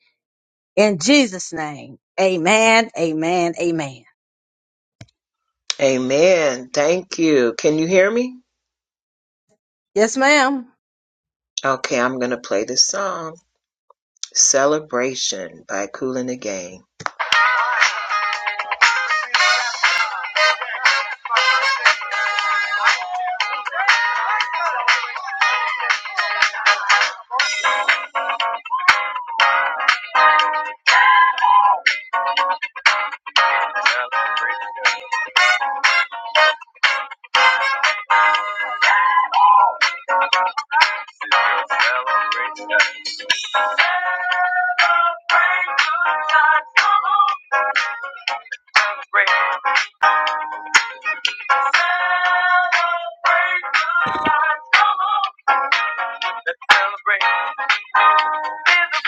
Speaker 4: in Jesus' name. Amen, amen, amen.
Speaker 1: Amen. Thank you. Can you hear me?
Speaker 4: Yes, ma'am.
Speaker 1: Okay, I'm going to play the song. Celebration by Kool and the Gang. There's a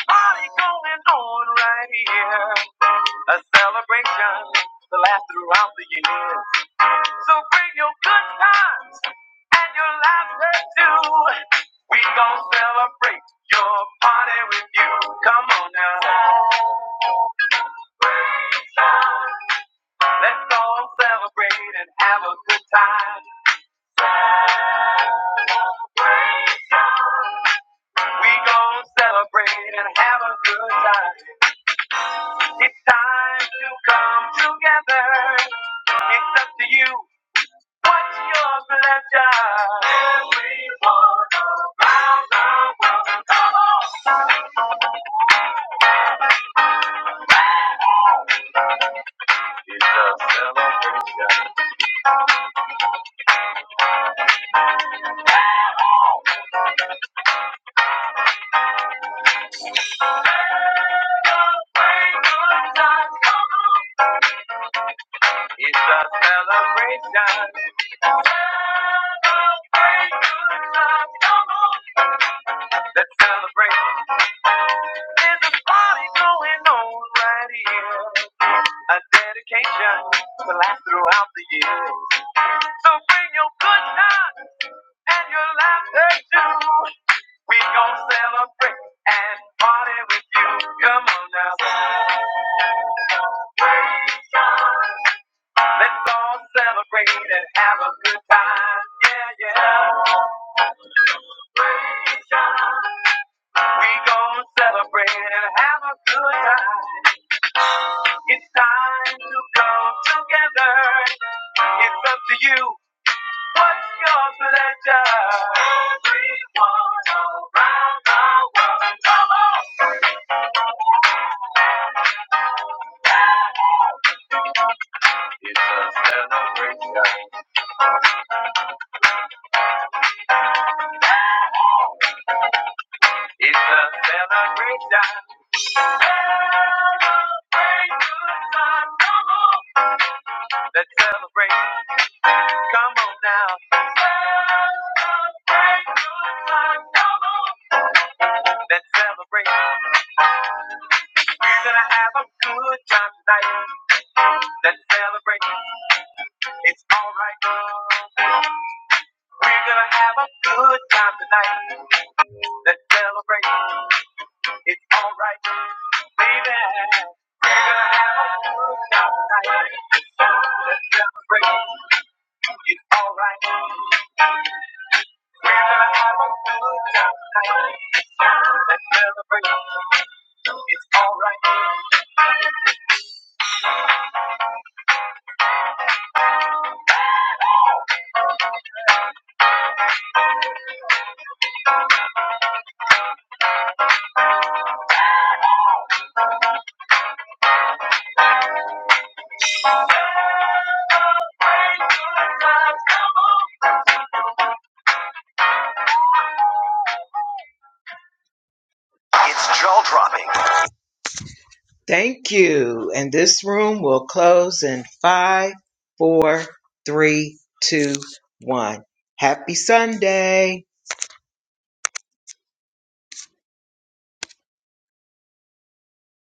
Speaker 1: party going on right here. a celebration to last throughout the year. So bring your good times and your laughter too. We gon' celebrate your party with you. Come on now. Celebration. Let's all celebrate and have a good time. Celebration. We gon' celebrate and have a good time. It's time to come together. It's up to you. What's your pleasure? Everyone around the world. Come on. It's a celebration. Celebrate good times. Come on. It's a celebration. Celebrate good times. Come on. Let's celebrate. There's a party going on right here. A dedication to last throughout the year. So bring your good times and your laughter too. We gon' celebrate and party with you. Come on now. Let's all celebrate and have a good time. Yeah, yeah. We gon' celebrate and have a good time. It's time to come together. It's up to you. What's your pleasure? Everyone around the world, come on. It's a celebration. It's a celebration. Celebrate good times, come on. Let's celebrate. Come on now. Celebrate good times, come on. Let's celebrate. We're gonna have a good time tonight. Let's celebrate. It's alright. We're gonna have a good time tonight. Let's celebrate. It's alright, baby. We're gonna have a good time tonight. Let's celebrate. It's alright. We're gonna have a good time tonight. Let's celebrate. It's alright. It's jaw dropping. Thank you. And this room will close in five, four, three, two, one. Happy Sunday.